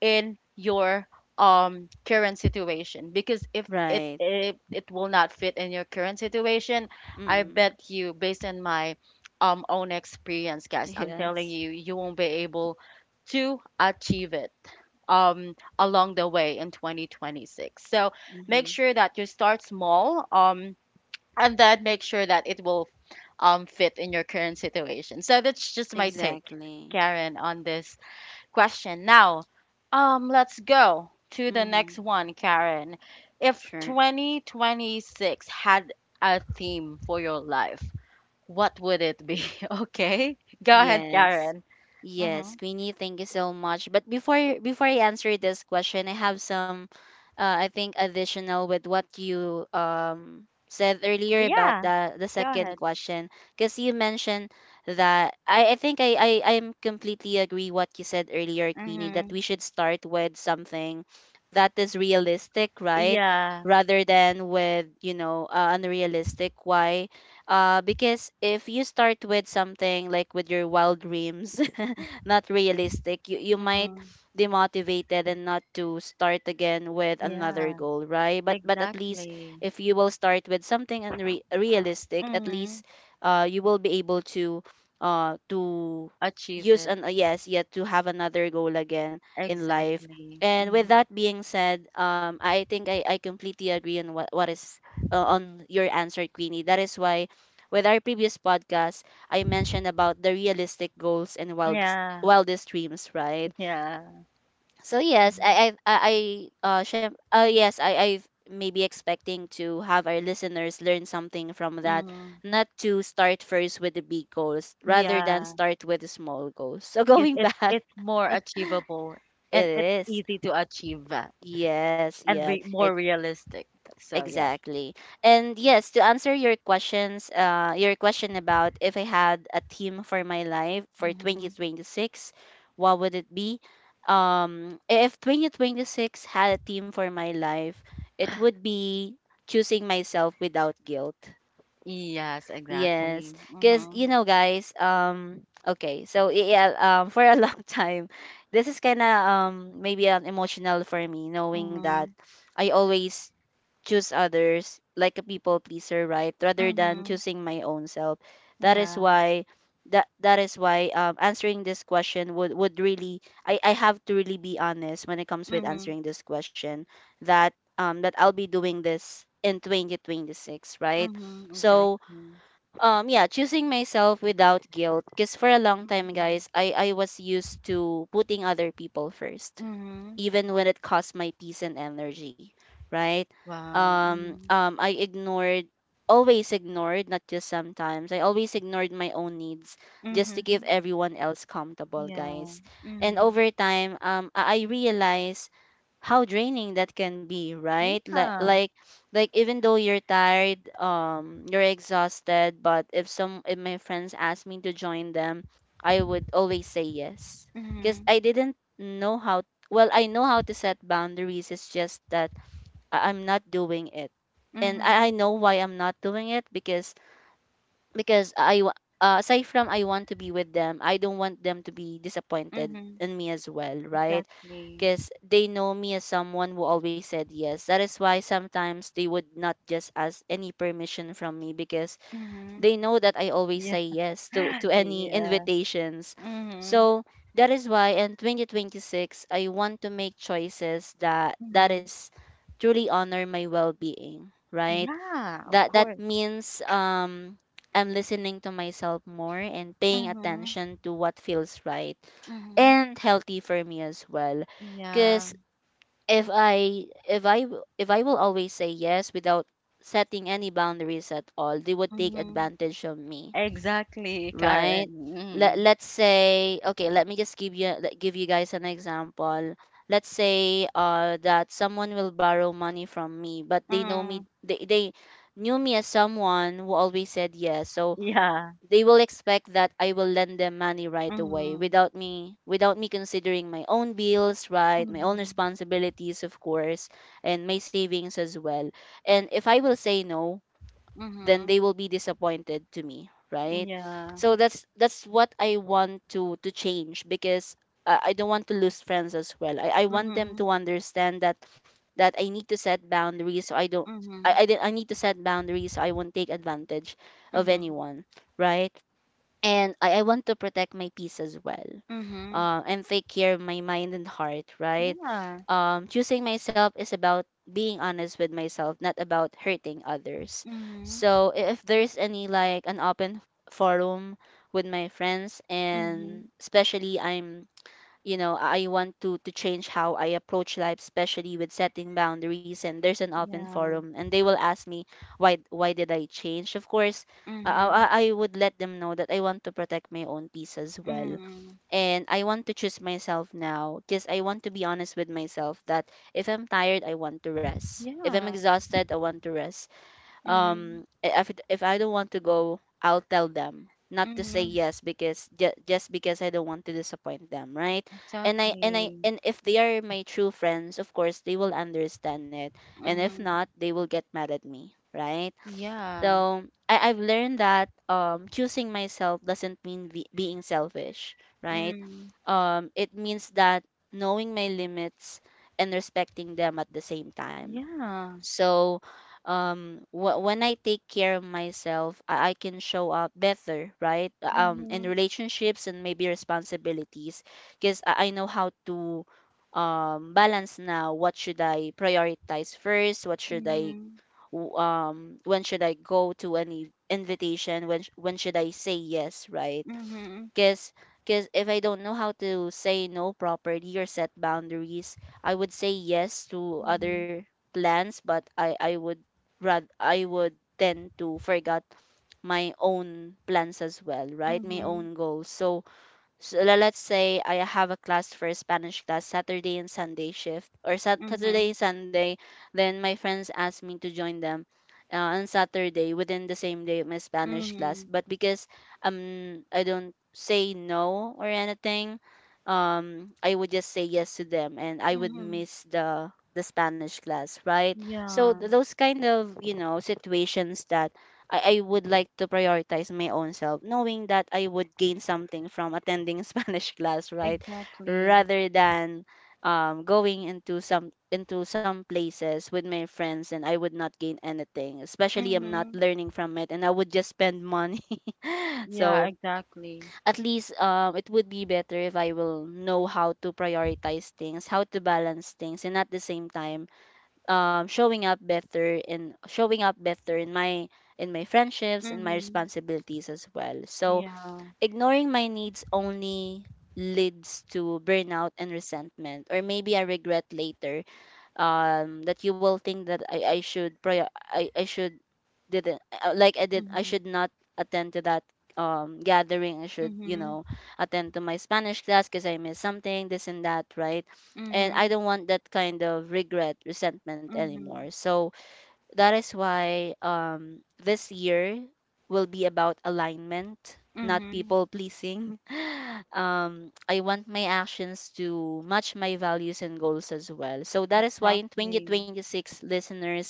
S1: in your um current situation, because if it,
S2: Right.
S1: it it will not fit in your current situation, I
S2: Mhm.
S1: bet you, based on my um own experience, guys, I'm telling
S2: Yes.
S1: you, you won't be able to achieve it um along the way in twenty twenty-six. So make
S2: Mhm.
S1: sure that you start small, um and then make sure that it will um fit in your current situation. So that's just my take,
S2: Exactly.
S1: Karen, on this question. Now, um let's go to the
S2: Mhm.
S1: next one, Karen. If
S2: Sure.
S1: twenty twenty-six had a theme for your life, what would it be? Okay? Go ahead,
S2: Yes.
S1: Karen.
S2: Yes,
S1: Mhm.
S2: Queenie, thank you so much. But before before I answer this question, I have some uh, I think additional with what you um said earlier about
S1: Yeah,
S2: the the
S1: go
S2: second
S1: ahead.
S2: question, because you mentioned that I, I think I, I I'm completely agree what you said earlier, Queenie, that
S1: Mhm.
S2: we should start with something that is realistic, right?
S1: Yeah.
S2: Rather than with, you know, uh, unrealistic. Why? Uh, because if you start with something, like with your wild dreams not realistic, you, you might
S1: Mhm.
S2: demotivated and not to start again with another
S1: Yeah,
S2: goal, right? but but at least
S1: exactly.
S2: if you will start with something unre- realistic, at least
S1: Mhm.
S2: uh, you will be able to uh, to
S1: Achieve
S2: use
S1: it.
S2: an uh, yes, yet to have another goal again in life.
S1: Exactly.
S2: And with
S1: Mhm.
S2: that being said, um, i think i, I completely agree on what, what is uh, on your answer, Queenie. That is why with our previous podcast, I mentioned about the realistic goals and wild
S1: Yeah.
S2: wildest dreams, right?
S1: Yeah.
S2: So yes,
S1: Mhm.
S2: I I I I, uh, syem- uh yes, I I maybe expecting to have our listeners learn something from that,
S1: Mm,
S2: not to start first with the big goals rather than
S1: yeah.
S2: start with the small goals. So
S1: Cause
S2: going
S1: it's
S2: back,
S1: it's more achievable and
S2: it
S1: it's
S2: is
S1: easy to achieve, uh,
S2: yes,
S1: and
S2: yes.
S1: re more realistic. So yeah.
S2: Exactly. And yes, to answer your questions, uh, your question about if I had a theme for my life for
S1: Mm-hmm.
S2: twenty twenty-six, what would it be? Um, if twenty twenty-six had a theme for my life, it would be choosing myself without guilt.
S1: Yes,
S2: Yes,
S1: exactly.
S2: because
S1: Mm-hmm.
S2: you know, guys. Um, okay, so yeah, um, for a long time, this is kind of um maybe an emotional for me, knowing that
S1: Mm-hmm.
S2: I always choose others like a people pleaser, right, rather than
S1: Mm-hmm.
S2: choosing my own self. That is
S1: Yeah.
S2: why that that is why um, answering this question would would really, I, I have to really be honest when it comes with
S1: Mm-hmm.
S2: answering this question, that um that I'll be doing this in twenty twenty-six, right?
S1: Mm-hmm.
S2: So
S1: Exactly.
S2: um yeah, choosing myself without guilt, because for a long time, guys,
S1: Mm-hmm.
S2: I I was used to putting other people first
S1: Mm-hmm.
S2: even when it cost my peace and energy, right?
S1: Wow.
S2: Um,
S1: Mm-hmm.
S2: um, I ignored, always ignored, not just sometimes. I always ignored my own needs just to give
S1: Mm-hmm.
S2: everyone else comfortable, guys.
S1: Yeah.
S2: And
S1: Mm-hmm.
S2: over time, um, I I realized how draining that can be, right? Like
S1: Yeah.
S2: like like even though you're tired, um you're exhausted, but if some, if my friends asked me to join them, I would always say yes, because
S1: Mm-hmm.
S2: I didn't know how, well I know how to set boundaries, it's just that I- I'm not doing it. And i, I
S1: Mm-hmm.
S2: know why I'm not doing it, because because i wa- uh, aside from I want to be with them, I don't want them to be disappointed
S1: Mm-hmm.
S2: in me as well, right?
S1: Exactly.
S2: Because they know me as someone who always said yes. That is why sometimes they would not just ask any permission from me, because
S1: Mm-hmm.
S2: they know that I always
S1: Yeah.
S2: say yes to, to any
S1: Yeah.
S2: invitations.
S1: Mhm.
S2: So that is why in twenty twenty-six I want to make choices that that
S1: Mhm.
S2: is truly honor my well-being, right?
S1: Yeah, of
S2: That that
S1: course.
S2: means um I'm listening to myself more and paying
S1: Mhm.
S2: attention to what feels right
S1: Mhm.
S2: and healthy for me as well,
S1: Yeah.
S2: because if i if i w- if I will always say yes without setting any boundaries at all, they would take
S1: Mhm.
S2: advantage of me,
S1: Exactly,
S2: right?
S1: Karen.
S2: Let
S1: Mhm.
S2: let's say, okay, let me just give you let- give you guys an example. Let's say uh that someone will borrow money from me, but they know me,
S1: Mhm.
S2: they they knew me as someone who always said yes. So
S1: Yeah.
S2: they will expect that I will lend them money right away
S1: Mhm.
S2: without me without me considering my own bills, right? My own
S1: Mhm.
S2: responsibilities, of course, and my savings as well. And if I will say no, then
S1: Mhm.
S2: they will be disappointed to me, right?
S1: Yeah.
S2: So that's that's what I want to to change, because uh, I don't want to lose friends as well. I, I want them to
S1: Mhm.
S2: understand that that I need to set boundaries so I don't, I,
S1: Mhm.
S2: I, di- I need to set boundaries so I won't take advantage of
S1: Mhm.
S2: anyone, right? And I, I want to protect my peace as well,
S1: Mhm.
S2: um, and take care of my mind and heart, right?
S1: Yeah.
S2: Um, choosing myself is about being honest with myself, not about hurting others.
S1: Mhm. Mhm.
S2: So, I- if there's any like an open forum with my friends, and especially I'm, you know, I want to to change how I approach life, especially with setting boundaries, and there's an open forum
S1: Yeah.
S2: and they will ask me why why did I change, of course, uh,
S1: Mhm.
S2: I, I would let them know that I want to protect my own peace as well,
S1: Mhm.
S2: and I want to choose myself now, because I want to be honest with myself, that if I'm tired I want to rest, if I'm
S1: Yeah.
S2: exhausted I want to rest. Um
S1: Mhm.
S2: i- if it- if I don't want to go, I'll tell them, not to say
S1: Mhm.
S2: yes because ju- just because I don't want to disappoint them, right? And I and I
S1: Exactly.
S2: and if they are my true friends, of course they will understand it. And if
S1: Mhm.
S2: not, they will get mad at me, right?
S1: Yeah.
S2: So I, I've learned that um choosing myself doesn't mean be- being selfish, right?
S1: Mm.
S2: Um it means that knowing my limits and respecting them at the same time.
S1: Yeah.
S2: So um wh- when I take care of myself, I, I can show up better, right? Um in
S1: Mhm.
S2: relationships and maybe responsibilities, because I-, I know how to um balance now. What should I prioritize first? What should I
S1: Mhm.
S2: w- um when should I go to any invitation, when sh- when should I say yes, right?
S1: Mhm.
S2: Because because if I don't know how to say no properly or set boundaries, I would say yes to
S1: Mhm.
S2: other plans, but I I would rather I would tend to forget my own plans as well, right? My
S1: Mhm.
S2: own goals. So so le- let's say I have a class for Spanish class Saturday and Sunday shift or Sat- Saturday
S1: Mhm.
S2: and Sunday, then my friends ask me to join them uh, on Saturday within the same day of my Spanish class.
S1: Mhm.
S2: But because um I don't say no or anything, um I would just say yes to them and I would
S1: Mhm.
S2: miss the the Spanish class, right? So
S1: Yeah.
S2: th- those kind of you know situations that I, I would like to prioritize my own self, knowing that I would gain something from attending Spanish class, right?
S1: Exactly.
S2: Rather than um, going into some into some places with my friends and I would not gain anything. Especially I'm not
S1: Mhm.
S2: learning from it and I would just spend money.
S1: Yeah.
S2: So
S1: Exactly.
S2: at least um, it would be better if I will know how to prioritize things, how to balance things, and at the same time um, showing up better in showing up better in my in my friendships and my
S1: Mhm.
S2: responsibilities as well. So
S1: Yeah.
S2: ignoring my needs only leads to burnout and resentment, or maybe I regret later um that you will think that i i should prior i i should didn't uh, like I did, I
S1: Mhm.
S2: should not attend to that um gathering. I should, you
S1: Mhm.
S2: know attend to my Spanish class because I missed something, this and that, right? And I
S1: Mhm.
S2: don't want that kind of regret resentment anymore.
S1: Mhm.
S2: So that is why, um, this year will be about alignment, not
S1: Mhm.
S2: people pleasing. Um, I want my actions to match my values and goals as well. So that is why in
S1: Exactly.
S2: twenty twenty-six, listeners,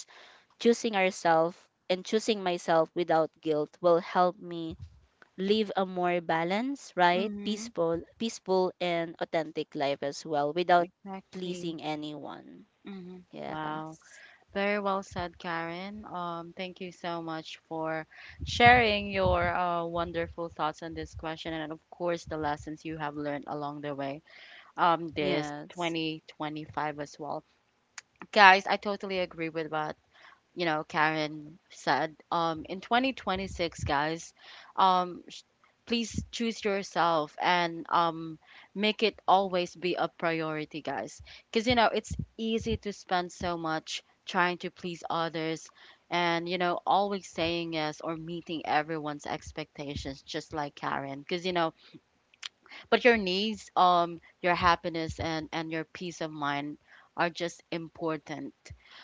S2: choosing ourselves and choosing myself without guilt will help me live a more balanced, right,
S1: Mhm.
S2: peaceful, peaceful and authentic life as well without
S1: Exactly.
S2: pleasing anyone.
S1: Mhm.
S2: Yes.
S1: Wow. Very well said, Karen. Um, thank you so much for sharing your uh, wonderful thoughts on this question and, of course, the lessons you have learned along the way, um, this
S2: Yes.
S1: twenty twenty-five as well. Guys, I totally agree with what you know Karen said. Um, in twenty twenty-six, guys, um, sh- please choose yourself and um, make it always be a priority, guys. Because you know it's easy to spend so much trying to please others, and you know always saying yes or meeting everyone's expectations, just like Karen. Because you know but your needs, um your happiness, and and your peace of mind are just important.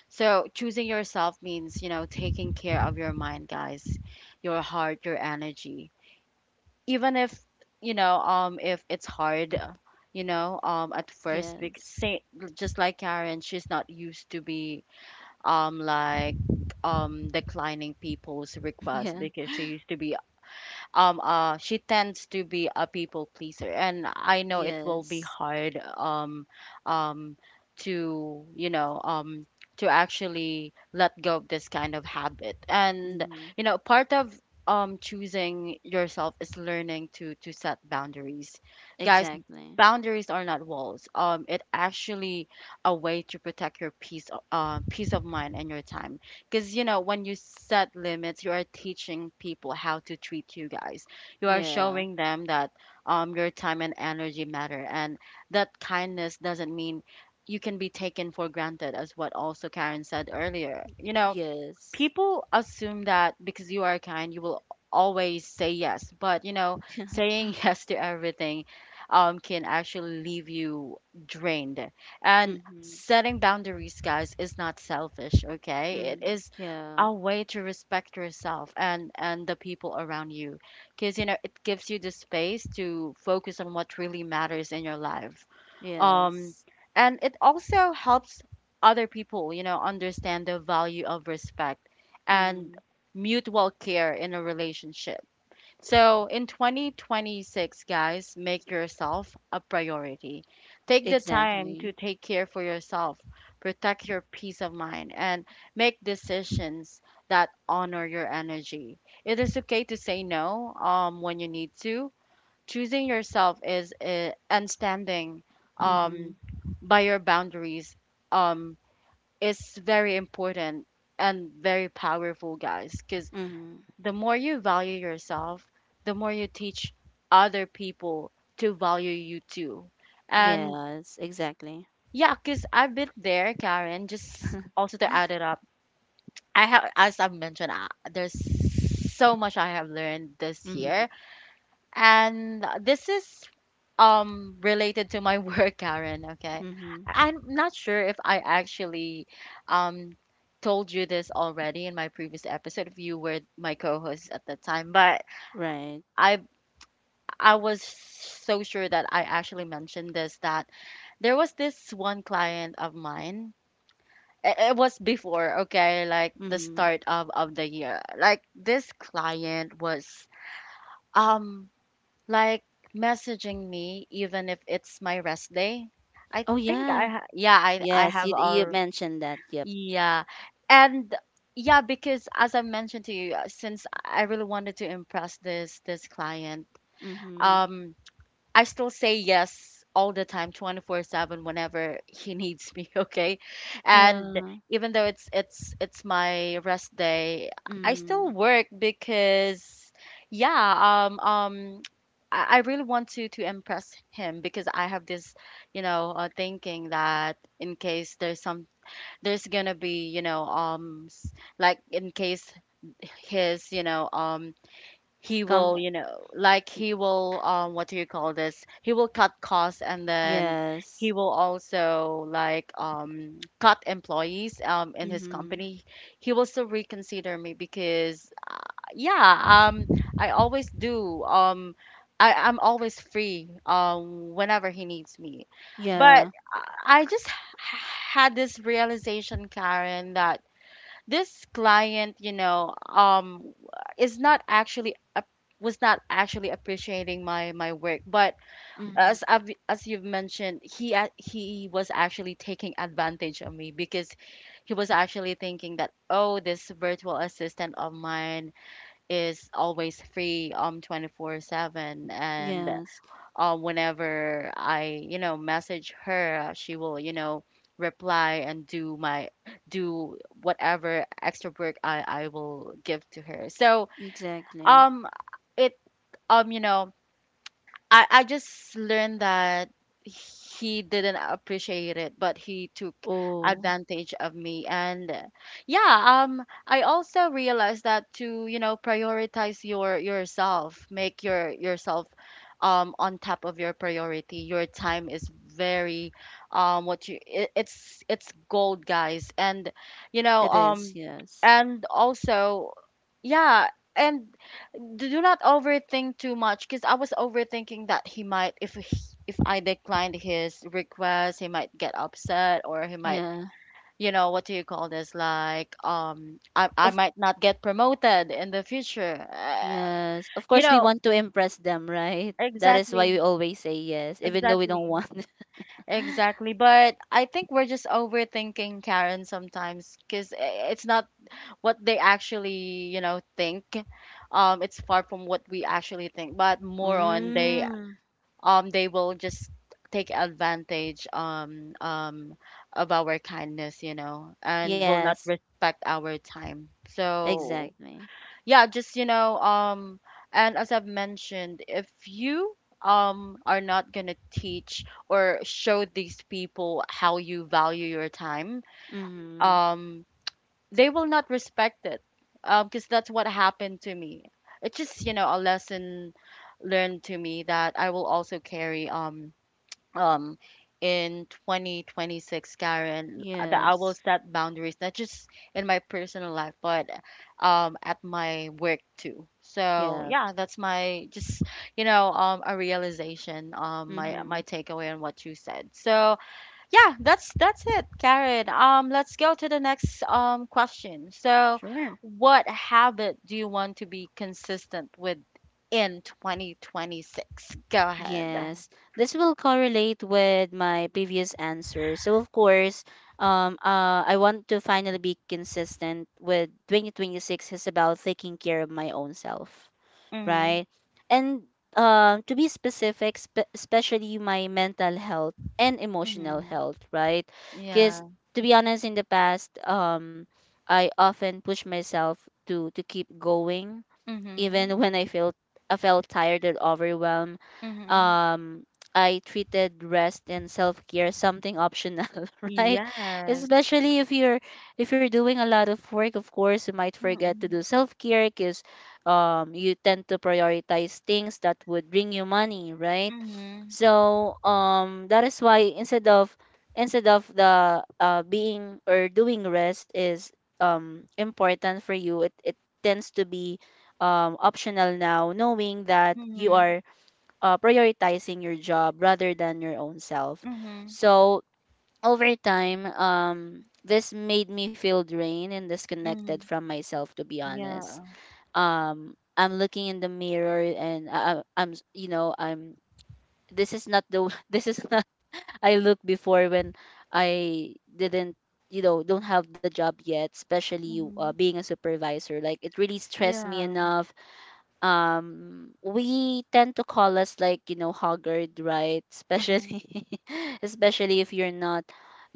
S1: So choosing yourself means, you know taking care of your mind, guys, your heart, your energy, even if you know um if it's hard, you know um at first, because,
S2: Yes.
S1: say, just like Karen, she's not used to be um like um declining people's requests
S2: Yeah.
S1: because she used to be, um uh she tends to be a people pleaser, and I know it will be
S2: Yes.
S1: hard, um um to you know um to actually let go of this kind of habit. And
S2: Mm-hmm.
S1: you know part of um choosing yourself is learning to to set boundaries, guys.
S2: Exactly.
S1: Boundaries are not walls, um it actually a way to protect your peace, uh, peace of mind and your time. Because, you know, when you set limits, you are teaching people how to treat you, guys. You are
S2: Yeah.
S1: showing them that um, your time and energy matter, and that kindness doesn't mean you can be taken for granted, as what also Karen said earlier. You know,
S2: Yes.
S1: people assume that because you are kind, you will always say yes. But you know, saying yes to everything um, can actually leave you drained. And
S2: Mm-hmm.
S1: setting boundaries, guys, is not selfish. Okay, it
S2: Mm-hmm.
S1: is
S2: Yeah.
S1: a way to respect yourself and and the people around you, because you know it gives you the space to focus on what really matters in your life.
S2: Yes.
S1: um and it also helps other people you know understand the value of respect and
S2: Mm-hmm.
S1: mutual care in a relationship. So in twenty twenty-six, guys, make yourself a priority, take the time to
S2: Exactly.
S1: take care for yourself, protect your peace of mind, and make decisions that honor your energy. It is okay to say no um when you need to. Choosing yourself is uh, and standing
S2: Mm-hmm.
S1: um, by your boundaries um, is very important and very powerful, guys, because
S2: Mm-hmm.
S1: the more you value yourself, the more you teach other people to value you too. And
S2: Yes. Exactly.
S1: yeah, because I've been there, Karen, just also to add it up, I have, as I've mentioned, uh, there's so much I have learned this
S2: Mm-hmm.
S1: year, and this is um related to my work, Karen, okay?
S2: Mm-hmm.
S1: I- am not sure if I actually um told you this already in my previous episode, if you were my co-host at the time, but
S2: Right.
S1: I I was so sure that I actually mentioned this, that there was this one client of mine. i- It was before, okay, like the
S2: Mm-hmm.
S1: start of of the year. Like this client was um Like messaging me even if it's my rest day. I
S2: Oh
S1: think I
S2: yeah.
S1: ha- yeah, I I
S2: Yes. You
S1: have
S2: you
S1: all,
S2: mentioned that. Yep.
S1: yeah. And yeah, because as I mentioned to you, uh, since I really wanted to impress this this client,
S2: Mm-hmm.
S1: um I still say yes all the time twenty-four seven whenever he needs me, okay? And
S2: Yeah.
S1: even though it's it's it's my rest day, I still
S2: Mm-hmm.
S1: work because yeah, um um I I really want to to impress him because I have this, you know, uh, thinking that in case there's some there's gonna be, you know, um s- like in case his, you know, um he
S2: Comp.
S1: will, you know, like he will, um, what do you call this? He will cut costs and then he
S2: Yes.
S1: will also like um, cut employees um, in his
S2: Mm-hmm.
S1: company. He will still reconsider me because, uh, yeah, um, I always do. Um, I, I'm always free um, whenever he needs me. But
S2: Yeah.
S1: I I just h- had this realization, Karen, that this client you know um is not actually ap- was not actually appreciating my my work, but
S2: Mm-hmm.
S1: as I've, as you've mentioned, he a- he was actually taking advantage of me because he was actually thinking that, oh, this virtual assistant of mine is always free um twenty-four seven, and
S2: Yes.
S1: uh, whenever I, you know, message her, uh, she will, you know, reply and do my do whatever extra work I I will give to her. So
S2: Exactly.
S1: um, it um, you know I I just learned that he didn't appreciate it, but he took
S2: Oh,
S1: advantage of me. And uh, yeah, um, I also realized that to, you know, prioritize your yourself, make your yourself um on top of your priority. Your time is very, um what you it, it's it's gold, guys. And you know,
S2: it is.
S1: um
S2: Yes.
S1: and also, yeah, and do do not overthink too much, because I was overthinking that he might if he, if I declined his request, he might get upset, or he might,
S2: Yeah.
S1: you know what do you call this, like, um I I
S2: Of
S1: might not get promoted in the future, uh,
S2: yes. Of
S1: you
S2: course we
S1: know
S2: want to impress them, right? That is why
S1: exactly,
S2: we always say yes, even though we don't
S1: exactly,
S2: want.
S1: exactly. But I think we're just overthinking, Karen, sometimes, because it's not what they actually, you know think. Um it's far from what we actually think, but more on, they,
S2: Mm.
S1: um they will just take advantage, um um of our kindness, you know and will not
S2: Yes,
S1: respect our time. So
S2: exactly.
S1: yeah, just, you know um and as I've mentioned, if you um are not going to teach or show these people how you value your time,
S2: Mm-hmm.
S1: um they will not respect it, um because that's what happened to me. It's just, you know a lesson learned to me that I will also carry, um um in twenty twenty-six, Karen, uh, that I
S2: Yes.
S1: will set boundaries not just in my personal life, but um at my work too. So
S2: Yeah.
S1: yeah, that's my just, you know um a realization, um my
S2: Mm-hmm.
S1: my takeaway on what you said. So yeah, that's that's it, Karen. Um let's go to the next um question. So
S2: Sure.
S1: what habit do you want to be consistent with in twenty twenty-six? Go ahead.
S2: Yes. This will correlate with my previous answer. So of course, um uh I want to finally be consistent with twenty twenty-six is about taking care of my own self,
S1: Mm-hmm,
S2: right? And um, to be specific, spe- especially my mental health and emotional
S1: mm-hmm.
S2: health, right? Because
S1: Yeah.
S2: to be honest, in the past, um, I often push myself to to keep going
S1: Mhm.
S2: even when I felt I felt tired and overwhelmed.
S1: Mhm.
S2: Um, I treated rest and self care something optional, right?
S1: Yes.
S2: Especially if you're if you're doing a lot of work, of course, you might forget to do
S1: Mhm.
S2: self care, because um, you tend to prioritize things that would bring you money, right?
S1: Mhm.
S2: So um, that is why instead of instead of the uh, being or doing rest is um, important for you, it, it tends to be um, optional now, knowing that you
S1: Mhm.
S2: are uh, prioritizing your job rather than your own self.
S1: Mhm.
S2: So over time, um, this made me feel drained and disconnected
S1: Mhm.
S2: from myself, to be honest.
S1: Yeah.
S2: Um, I'm looking in the mirror and I, I- I'm, s- you know, I'm. This is not the this is not I look before when I didn't, you know don't have the job yet, especially uh,
S1: Mhm.
S2: being a supervisor. Like it really stressed me
S1: Yeah.
S2: enough. Um we tend to call us like you know haggard, right?
S1: Mhm.
S2: Especially especially if you're not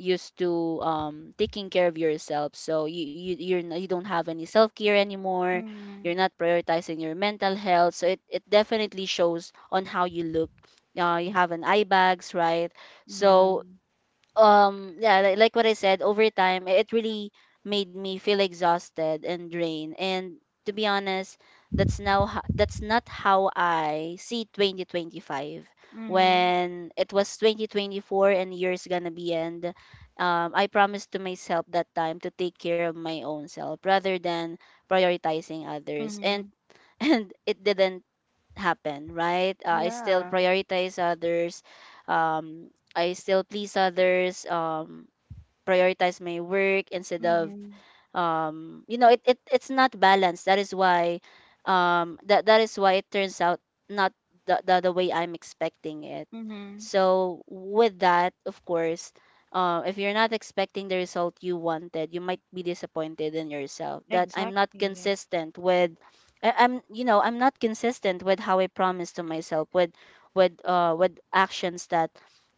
S2: used to um taking care of yourself. So you, you you're not, you don't have any self-care anymore.
S1: Mhm.
S2: You're not prioritizing your mental health, so it, it definitely shows on how you look. Uh, you have an eye bags, right?
S1: Yeah.
S2: So um yeah, like, like what I said, over time i- it really made me feel exhausted and drained. And to be honest, that's now ho- that's not how I see twenty twenty-five.
S1: Mhm.
S2: When it was twenty twenty-four and year's gonna be end, um, I promised to myself that time to take care of my own self rather than prioritizing others, and
S1: Mhm.
S2: and it didn't happen, right? Uh, I still
S1: Yeah.
S2: prioritize others. Um, I still please others. Um, prioritize my work instead of
S1: Mhm.
S2: um you know, it, it it's not balanced. That is why um that that is why it turns out not the, the, the way I'm expecting it.
S1: Mhm.
S2: So with that, of course, uh, if you're not expecting the result you wanted, you might be disappointed in yourself that I'm not
S1: Exactly.
S2: consistent with I, I'm, you know, I'm not consistent with how I promised to myself with with uh with actions that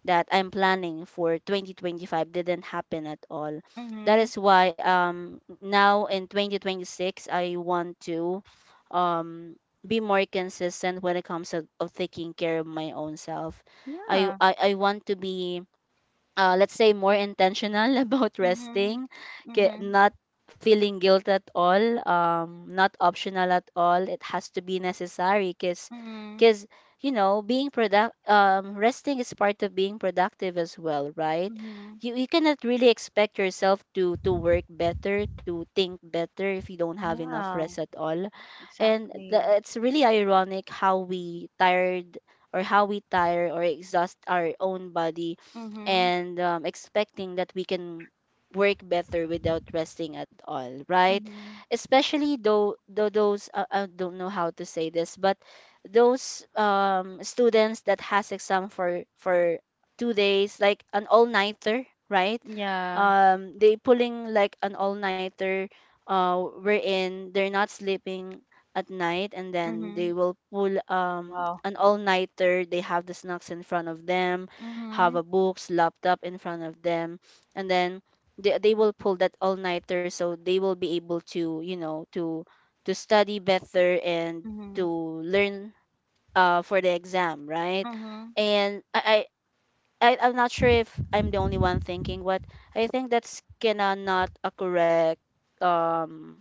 S2: that I'm planning for twenty twenty-five didn't happen at all. That
S1: Mhm.
S2: is why um now in twenty twenty-six I want to um be more consistent when it comes to, of taking care of my own self. I,
S1: Yeah.
S2: I I want to be uh, let's say more intentional about
S1: Mhm.
S2: resting, ki-
S1: Mhm.
S2: not feeling guilt at all, um not optional at all, it has to be necessary. Because
S1: Mhm.
S2: because you know, being product um resting is part of being productive as well, right?
S1: Mhm.
S2: You, you cannot really expect yourself to to work better, to think better, if you don't have enough rest
S1: Yeah.
S2: at all. And the,
S1: Exactly.
S2: it's really ironic how we tired or how we tire or exhaust our own body
S1: Mhm.
S2: and um, expecting that we can work better without resting at all, right?
S1: Mhm.
S2: Especially though, though those uh, I don't know how to say this, but those um, students that has exam for for two days, like an all nighter, right?
S1: Yeah.
S2: Um, they pulling like an all nighter. Uh, wherein they're not sleeping at night, and then they
S1: Mhm.
S2: will pull um
S1: Wow.
S2: an all nighter. They have the snacks in front of them, have
S1: Mhm.
S2: a books, laptop in front of them, and then they, they will pull that all nighter so they will be able to, you know, to to study better and to
S1: Mhm.
S2: learn uh for the exam, right?
S1: Mhm.
S2: And I I I- I'm not sure if I'm the only one thinking, but I think that's kinda not a correct um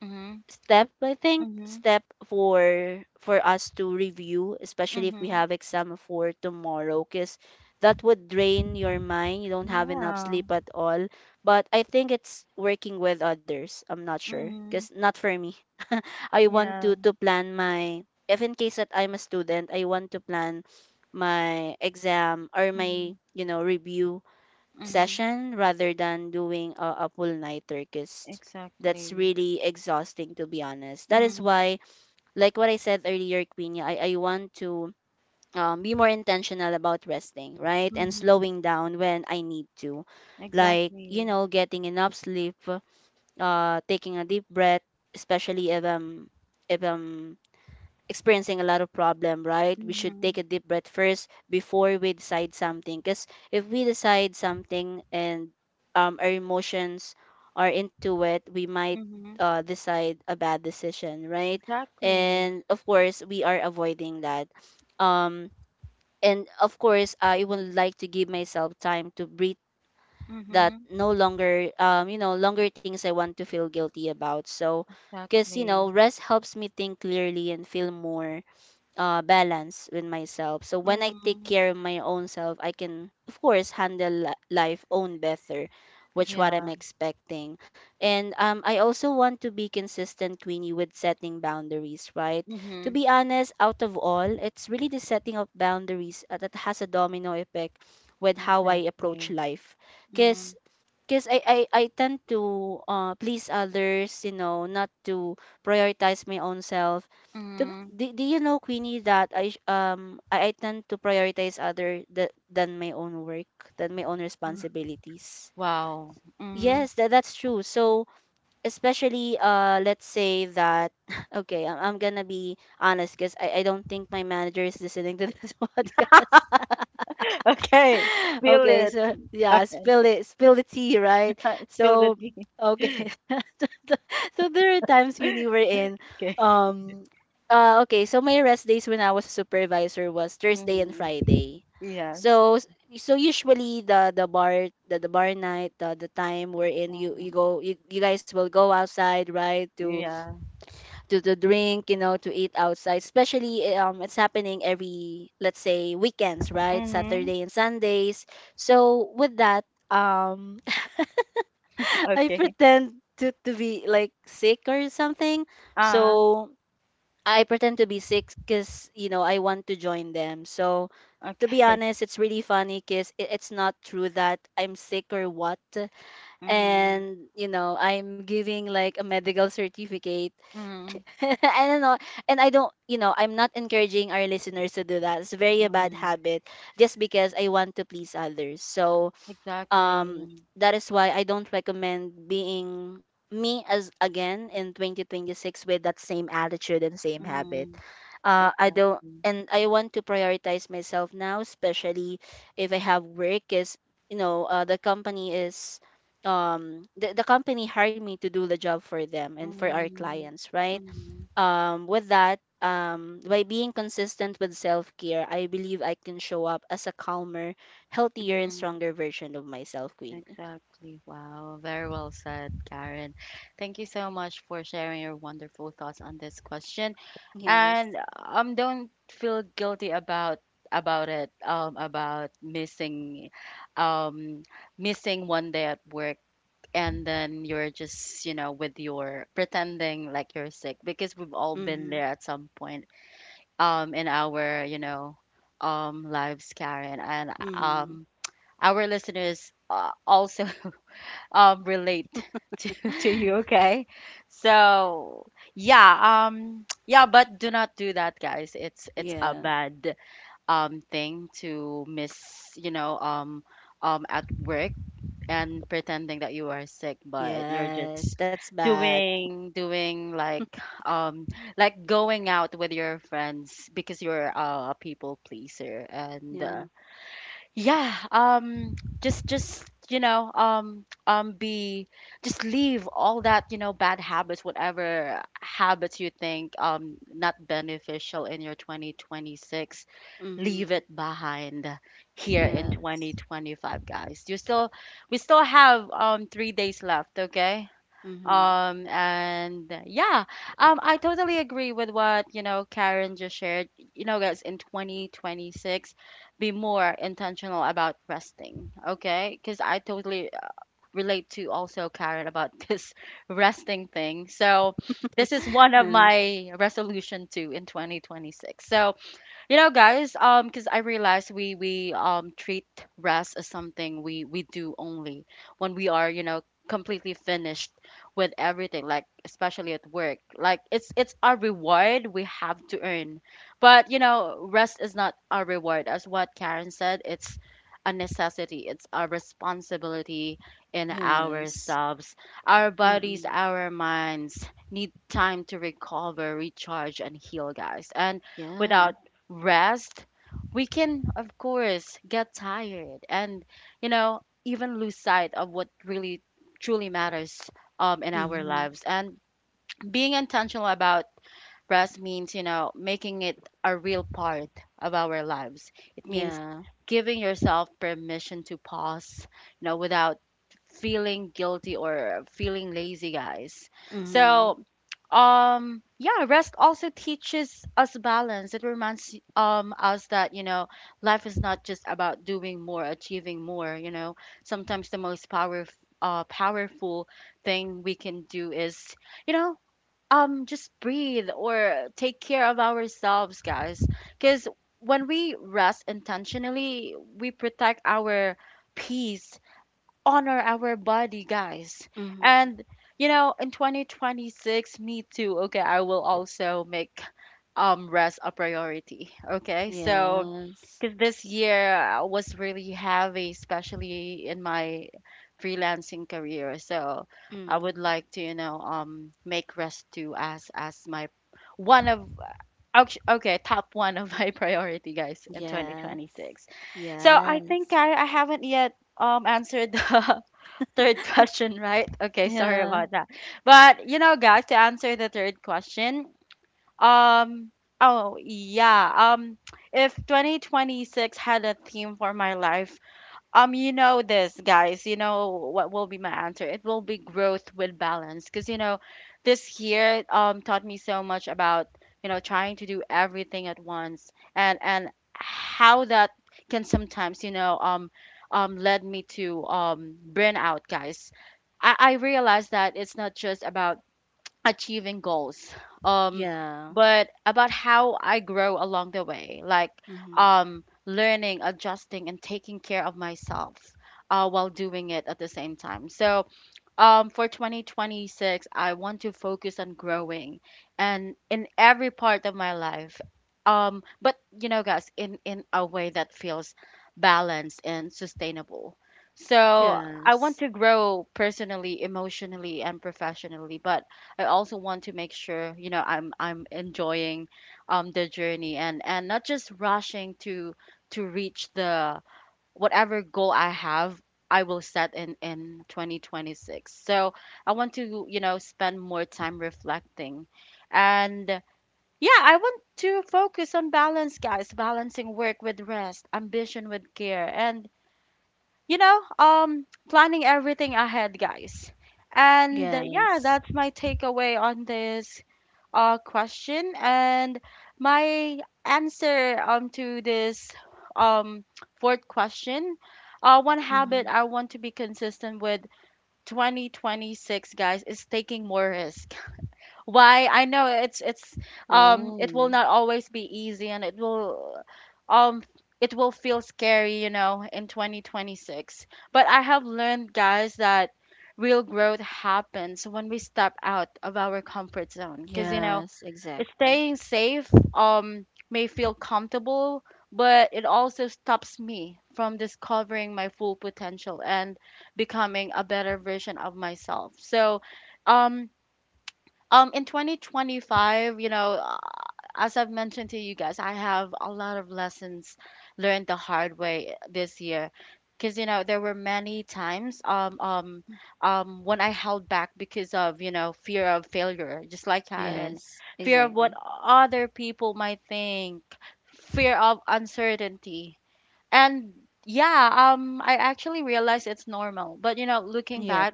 S1: Mhm,
S2: step, I think,
S1: mhm,
S2: step for for us to review especially if we
S1: mhm.
S2: have exam for tomorrow, because that would drain your mind, you don't have enough
S1: Yeah.
S2: sleep at all. But I think it's working with others, I'm not sure, because
S1: Mhm.
S2: not for me. I want
S1: Yeah.
S2: to to plan my if in case that I'm a student, I want to plan my exam or my,
S1: Mhm,
S2: you know, review
S1: mhm.
S2: session, rather than doing a, a full nighter, because that's
S1: Exactly.
S2: really exhausting, to be honest. That is
S1: Mhm,
S2: why, like what I said earlier, Queenie, I, I want to um, be more intentional about resting, right? And
S1: mhm.
S2: slowing down when I need to. Like, you
S1: Exactly.
S2: know, getting enough sleep, uh, taking a deep breath, especially if I'm if I'm experiencing a lot of problem, right? We should take
S1: Mhm,
S2: a deep breath first before we decide something. Because if we decide something and um, our emotions are into it, we might
S1: mhm.
S2: uh, decide a bad decision, right?
S1: Exactly.
S2: And of course, we are avoiding that. Um, and of course, I would like to give myself time to breathe. That
S1: Mhm,
S2: no longer, um, you know, longer things I want to feel guilty about. So, because you
S1: exactly.
S2: know, rest helps me think clearly and feel more uh, balance with myself. So when I take
S1: Mhm.
S2: care of my own self, I can of course handle li- life own better, which what I'm
S1: Yeah.
S2: expecting. And um, I also want to be consistent, Queenie, with setting boundaries, right? To
S1: Mhm.
S2: be honest, out of all, it's really the setting of boundaries uh, that has a domino effect with how I approach
S1: Exactly.
S2: life. Because
S1: Mhm,
S2: because I, I, I tend to uh please others, you know, not to prioritize my own self. Do,
S1: mhm.
S2: do, do you know, Queenie, that I sh- um I, I tend to prioritize other th- than my own work, than my own
S1: R-
S2: responsibilities.
S1: Wow. Mhm.
S2: Yes, that that's true. So especially uh let's say that, okay, I'm, I'm gonna be honest because I, I don't think my manager is listening to this podcast.
S1: Okay, spill
S2: Okay,
S1: it.
S2: so yeah,
S1: Okay,
S2: spill it, spill the tea, right?
S1: spill the
S2: So
S1: tea.
S2: okay, so there are times when you were in.
S1: Okay.
S2: Um, uh, okay, so my rest days when I was a supervisor was Thursday and
S1: Mhm.
S2: Friday.
S1: Yes.
S2: So s- so usually the the bar the, the bar night, the, the time we're in, you you
S1: Mhm.
S2: go you, you guys will go outside, right, to
S1: Yeah.
S2: to to drink, you know, to eat outside. Especially eh, um it's happening every, let's say, weekends, right?
S1: Mhm.
S2: Saturday and Sundays. So with that, um I
S1: Okay.
S2: pretend to to be like sick or something.
S1: Ah,
S2: So I pretend to be sick cuz you know, I want to join them. So to be
S1: okay.
S2: honest, it's really funny because it, it's not true that I'm sick or what.
S1: Mhm.
S2: And, you know, I'm giving like a medical certificate
S1: Mm,
S2: and I don't know. And I don't, you know, I'm not encouraging our listeners to do that. It's a very bad
S1: mm.
S2: habit just because I want to please others. So, um,
S1: Exactly.
S2: that is why I don't recommend being me as again in twenty twenty-six with that same attitude and same habit.
S1: Mm,
S2: Uh, I don't,
S1: exactly.
S2: and I want to prioritize myself now, especially if I have work, because, you know, uh, the company is um the, the company hired me to do the job for them and for our
S1: Mm,
S2: clients, right?
S1: mm,
S2: Um, with that, um, by being consistent with self care, I believe I can show up as a calmer, healthier, and
S1: mm.
S2: stronger version of myself, Queenie.
S1: Exactly. Wow. Very well said, Karen. Thank you so much for sharing your wonderful thoughts on this question.
S2: Yes.
S1: And um, don't feel guilty about about it, um, about missing um missing one day at work, and then you're just, you know with your pretending like you're sick, because we've all been
S2: Mm-hmm.
S1: there at some point um in our, you know um lives, Karen. And
S2: Mm-hmm.
S1: um our listeners, uh, also um relate to to you, okay? So yeah. Um yeah, but do not do that, guys. it's it's a
S2: Yeah.
S1: bad um thing to miss, you know um um at work, and pretending that you are sick but you're
S2: Yes.
S1: just
S2: That's bad.
S1: doing doing like um like going out with your friends because you're, uh, a people pleaser. And
S2: Yeah.
S1: uh, yeah, um just just, you know um um be just leave all that, you know bad habits, whatever habits you think um not beneficial in your twenty twenty-six. Leave
S2: Mm-hmm.
S1: it behind here in
S2: Yes.
S1: twenty twenty-five, guys. You still We still have um three days left, okay?
S2: Mm-hmm.
S1: Um and yeah, um I totally agree with what, you know Karen, just shared. You know, guys, in twenty twenty-six, be more intentional about resting, okay, because I totally, uh, relate to also Karen about this resting thing. So this is one of
S2: um,
S1: my resolution too in twenty twenty-six. So you know, guys, um, because I realize we we um treat rest as something we we do only when we are, you know, completely finished with everything, like especially at work. Like it's it's our reward we have to earn. But, you know, rest is not our reward. As what Karen said, it's a necessity. It's a responsibility in
S2: yes.
S1: ourselves. Our bodies,
S2: Mm-hmm.
S1: our minds need time to recover, recharge, and heal, guys. And
S2: Yeah.
S1: without rest, we can, of course, get tired and, you know, even lose sight of what really truly matters, um, in our
S2: Mm-hmm.
S1: lives. And being intentional about rest means, you know, making it a real part of our lives. It means
S2: Yeah.
S1: giving yourself permission to pause, you know, without feeling guilty or feeling lazy, guys.
S2: Mm-hmm.
S1: So, um yeah, rest also teaches us balance. It reminds um us that, you know life is not just about doing more, achieving more. You know sometimes the most power uh powerful thing we can do is, you know um just breathe or take care of ourselves, guys, because when we rest intentionally, we protect our peace, honor our body, guys.
S2: Mm-hmm.
S1: And you know, in twenty twenty-six, me too. Okay, I will also make um rest a priority. Okay, so
S2: Yes.
S1: because this year, uh, was really heavy, especially in my freelancing career. So I would
S2: Mm-hmm.
S1: like to, you know, um make rest too as as my one of, actu- okay top one of my priority, guys, in
S2: Yes.
S1: twenty twenty-six. So
S2: Yes.
S1: I think I, I haven't yet um answered the third question, right? Okay, sorry
S2: Yeah.
S1: about that. But you know, guys, to answer the third question, um, oh yeah,
S2: The fourth
S1: um,
S2: question,
S1: if
S2: yes.
S1: twenty twenty-six had a theme for my life, um, you know
S2: Yes, the
S1: this,
S2: fourth
S1: guys. You
S2: question.
S1: know what will be my answer? It will be growth with balance, because you know, this year um taught me so much about, you know trying to do everything at once, and and
S2: Mm-hmm.
S1: how that can sometimes, you know um um led me to um burnout, guys. I, I realized that it's not just about achieving goals, um
S2: Yeah.
S1: but about how I grow along the way, like
S2: Mm-hmm.
S1: um learning, adjusting, and taking care of myself, uh, while doing it at the same time. So um, for twenty twenty-six, I want to focus on growing and in every part of my life. Um, but you know, guys, in in a way that feels balanced and sustainable. So I want
S2: Yes.
S1: to grow personally, emotionally, and professionally, but I also want to make sure, you know, I'm I'm enjoying um the journey and and not just rushing to to reach the whatever goal I have, I will set in in twenty twenty-six. So I want to, you know, spend more time reflecting. And yeah, I want to focus on balance, guys, balancing work with rest, ambition with care, and, you know, um planning everything ahead, guys. And uh,
S2: Yes.
S1: yeah, that's my takeaway on this, uh, question, and my answer, um to this, um fourth question. Uh, one
S2: Mm-hmm.
S1: habit I want to be consistent with twenty twenty-six, guys, is taking more risk. Why? I know it's it's um it
S2: Oh.
S1: will not always be easy, and it will um it will feel scary, you know, in twenty twenty-six. But I have learned, guys, that real growth happens when we step out of our comfort zone, because, you know
S2: Yes, exactly.
S1: staying safe, um, may feel comfortable, but it also stops me from discovering my full potential and becoming a better version of myself. So, um, um, in twenty twenty-five, you know, as I've mentioned to you guys, I have a lot of lessons learned the hard way this year. Because, you know, there were many times, um, um, um, when I held back because of, you know, fear of failure, just like Karen,
S2: Yes,
S1: fear of what
S2: exactly.
S1: other people might think, fear of uncertainty. And yeah, um, I actually realized it's normal. But, you know, looking
S2: Yep,
S1: back,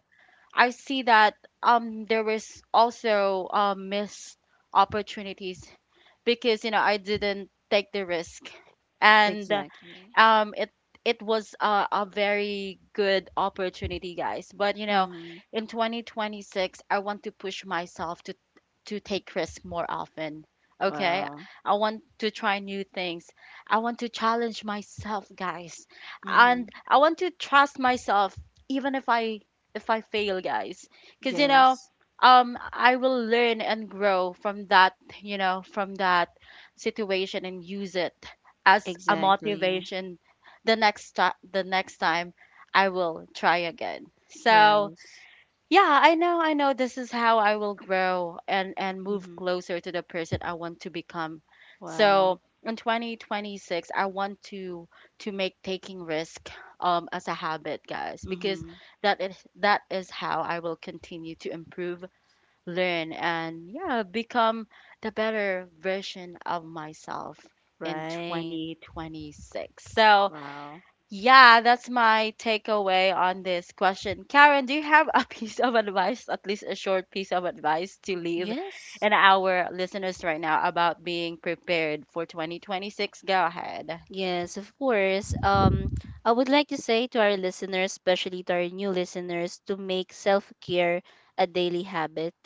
S1: I see that, um, there was also, um, missed opportunities, because you know I didn't take the risk. And uh,
S2: exactly.
S1: um it it was a, a very good opportunity, guys, but, you know
S2: Mm-hmm.
S1: in twenty twenty-six I want to push myself to to take risks more often, okay.
S2: Wow.
S1: I want to try new things, I want to challenge myself, guys,
S2: Mm-hmm.
S1: and I want to trust myself, even if i if i fail, guys, because, you
S2: Yes,
S1: know um I will learn and grow from that, you know from that situation, and use it as a
S2: exactly.
S1: motivation the next time the next time I will try again. So
S2: Yes.
S1: yeah, I know I know this is how I will grow, and and move
S2: Mm-hmm.
S1: closer to the person I want to become.
S2: Wow.
S1: So in twenty twenty-six I want to to make taking risk um as a habit, guys, because
S2: Mm-hmm.
S1: that is that is how I will continue to improve, learn, and, yeah, become the better version of myself in
S2: Right.
S1: twenty twenty-six. So,
S2: Wow.
S1: yeah, that's my takeaway on this question. Karen, do you have a piece of advice, at least a short piece of advice to leave
S2: Yes.
S1: in our listeners right now about being prepared for twenty twenty-six? Go ahead.
S2: Yes, of course. Um, I would like to say to our listeners, especially to our new listeners, to make self care a daily habit,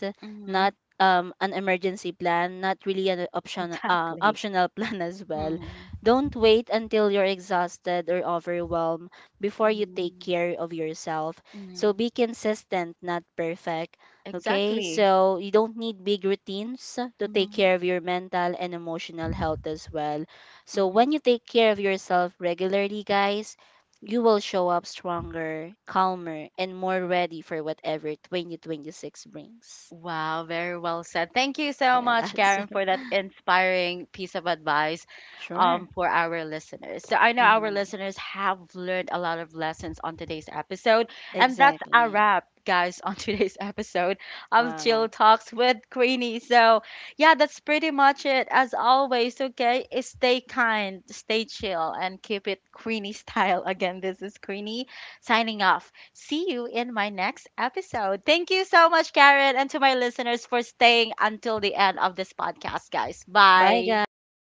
S2: not
S1: Hmm.
S2: um an emergency plan, not really an option uh,
S1: Exactly.
S2: optional plan as well.
S1: Mm-hmm.
S2: Don't wait until you're exhausted or overwhelmed before you take
S1: Mm-hmm.
S2: care of yourself. So be consistent, not perfect. Okay,
S1: Exactly.
S2: so you don't need big routines to take
S1: Mm-hmm.
S2: care of your mental and emotional health as well. So when you take care of yourself regularly, guys, you will show up stronger, calmer, and more ready for whatever twenty twenty-six brings.
S1: Wow, very well said. Thank you so much,
S2: Yes.
S1: Karen, for that inspiring piece of advice, um,
S2: Sure.
S1: for our listeners. So, I know our
S2: Hmm.
S1: listeners have learned a lot of lessons on today's episode. And that's a
S2: Exactly.
S1: wrap, guys, on today's episode of Chill
S2: Wow.
S1: Talks with Queenie. So, yeah, that's pretty much it. As always, okay, is stay kind, stay chill, and keep it Queenie style. Again, this is Queenie signing off. See you in my next episode. Thank you so much, Karen, and to my listeners for staying until the end of this podcast, guys.
S2: Bye,
S1: Bye.
S2: guys.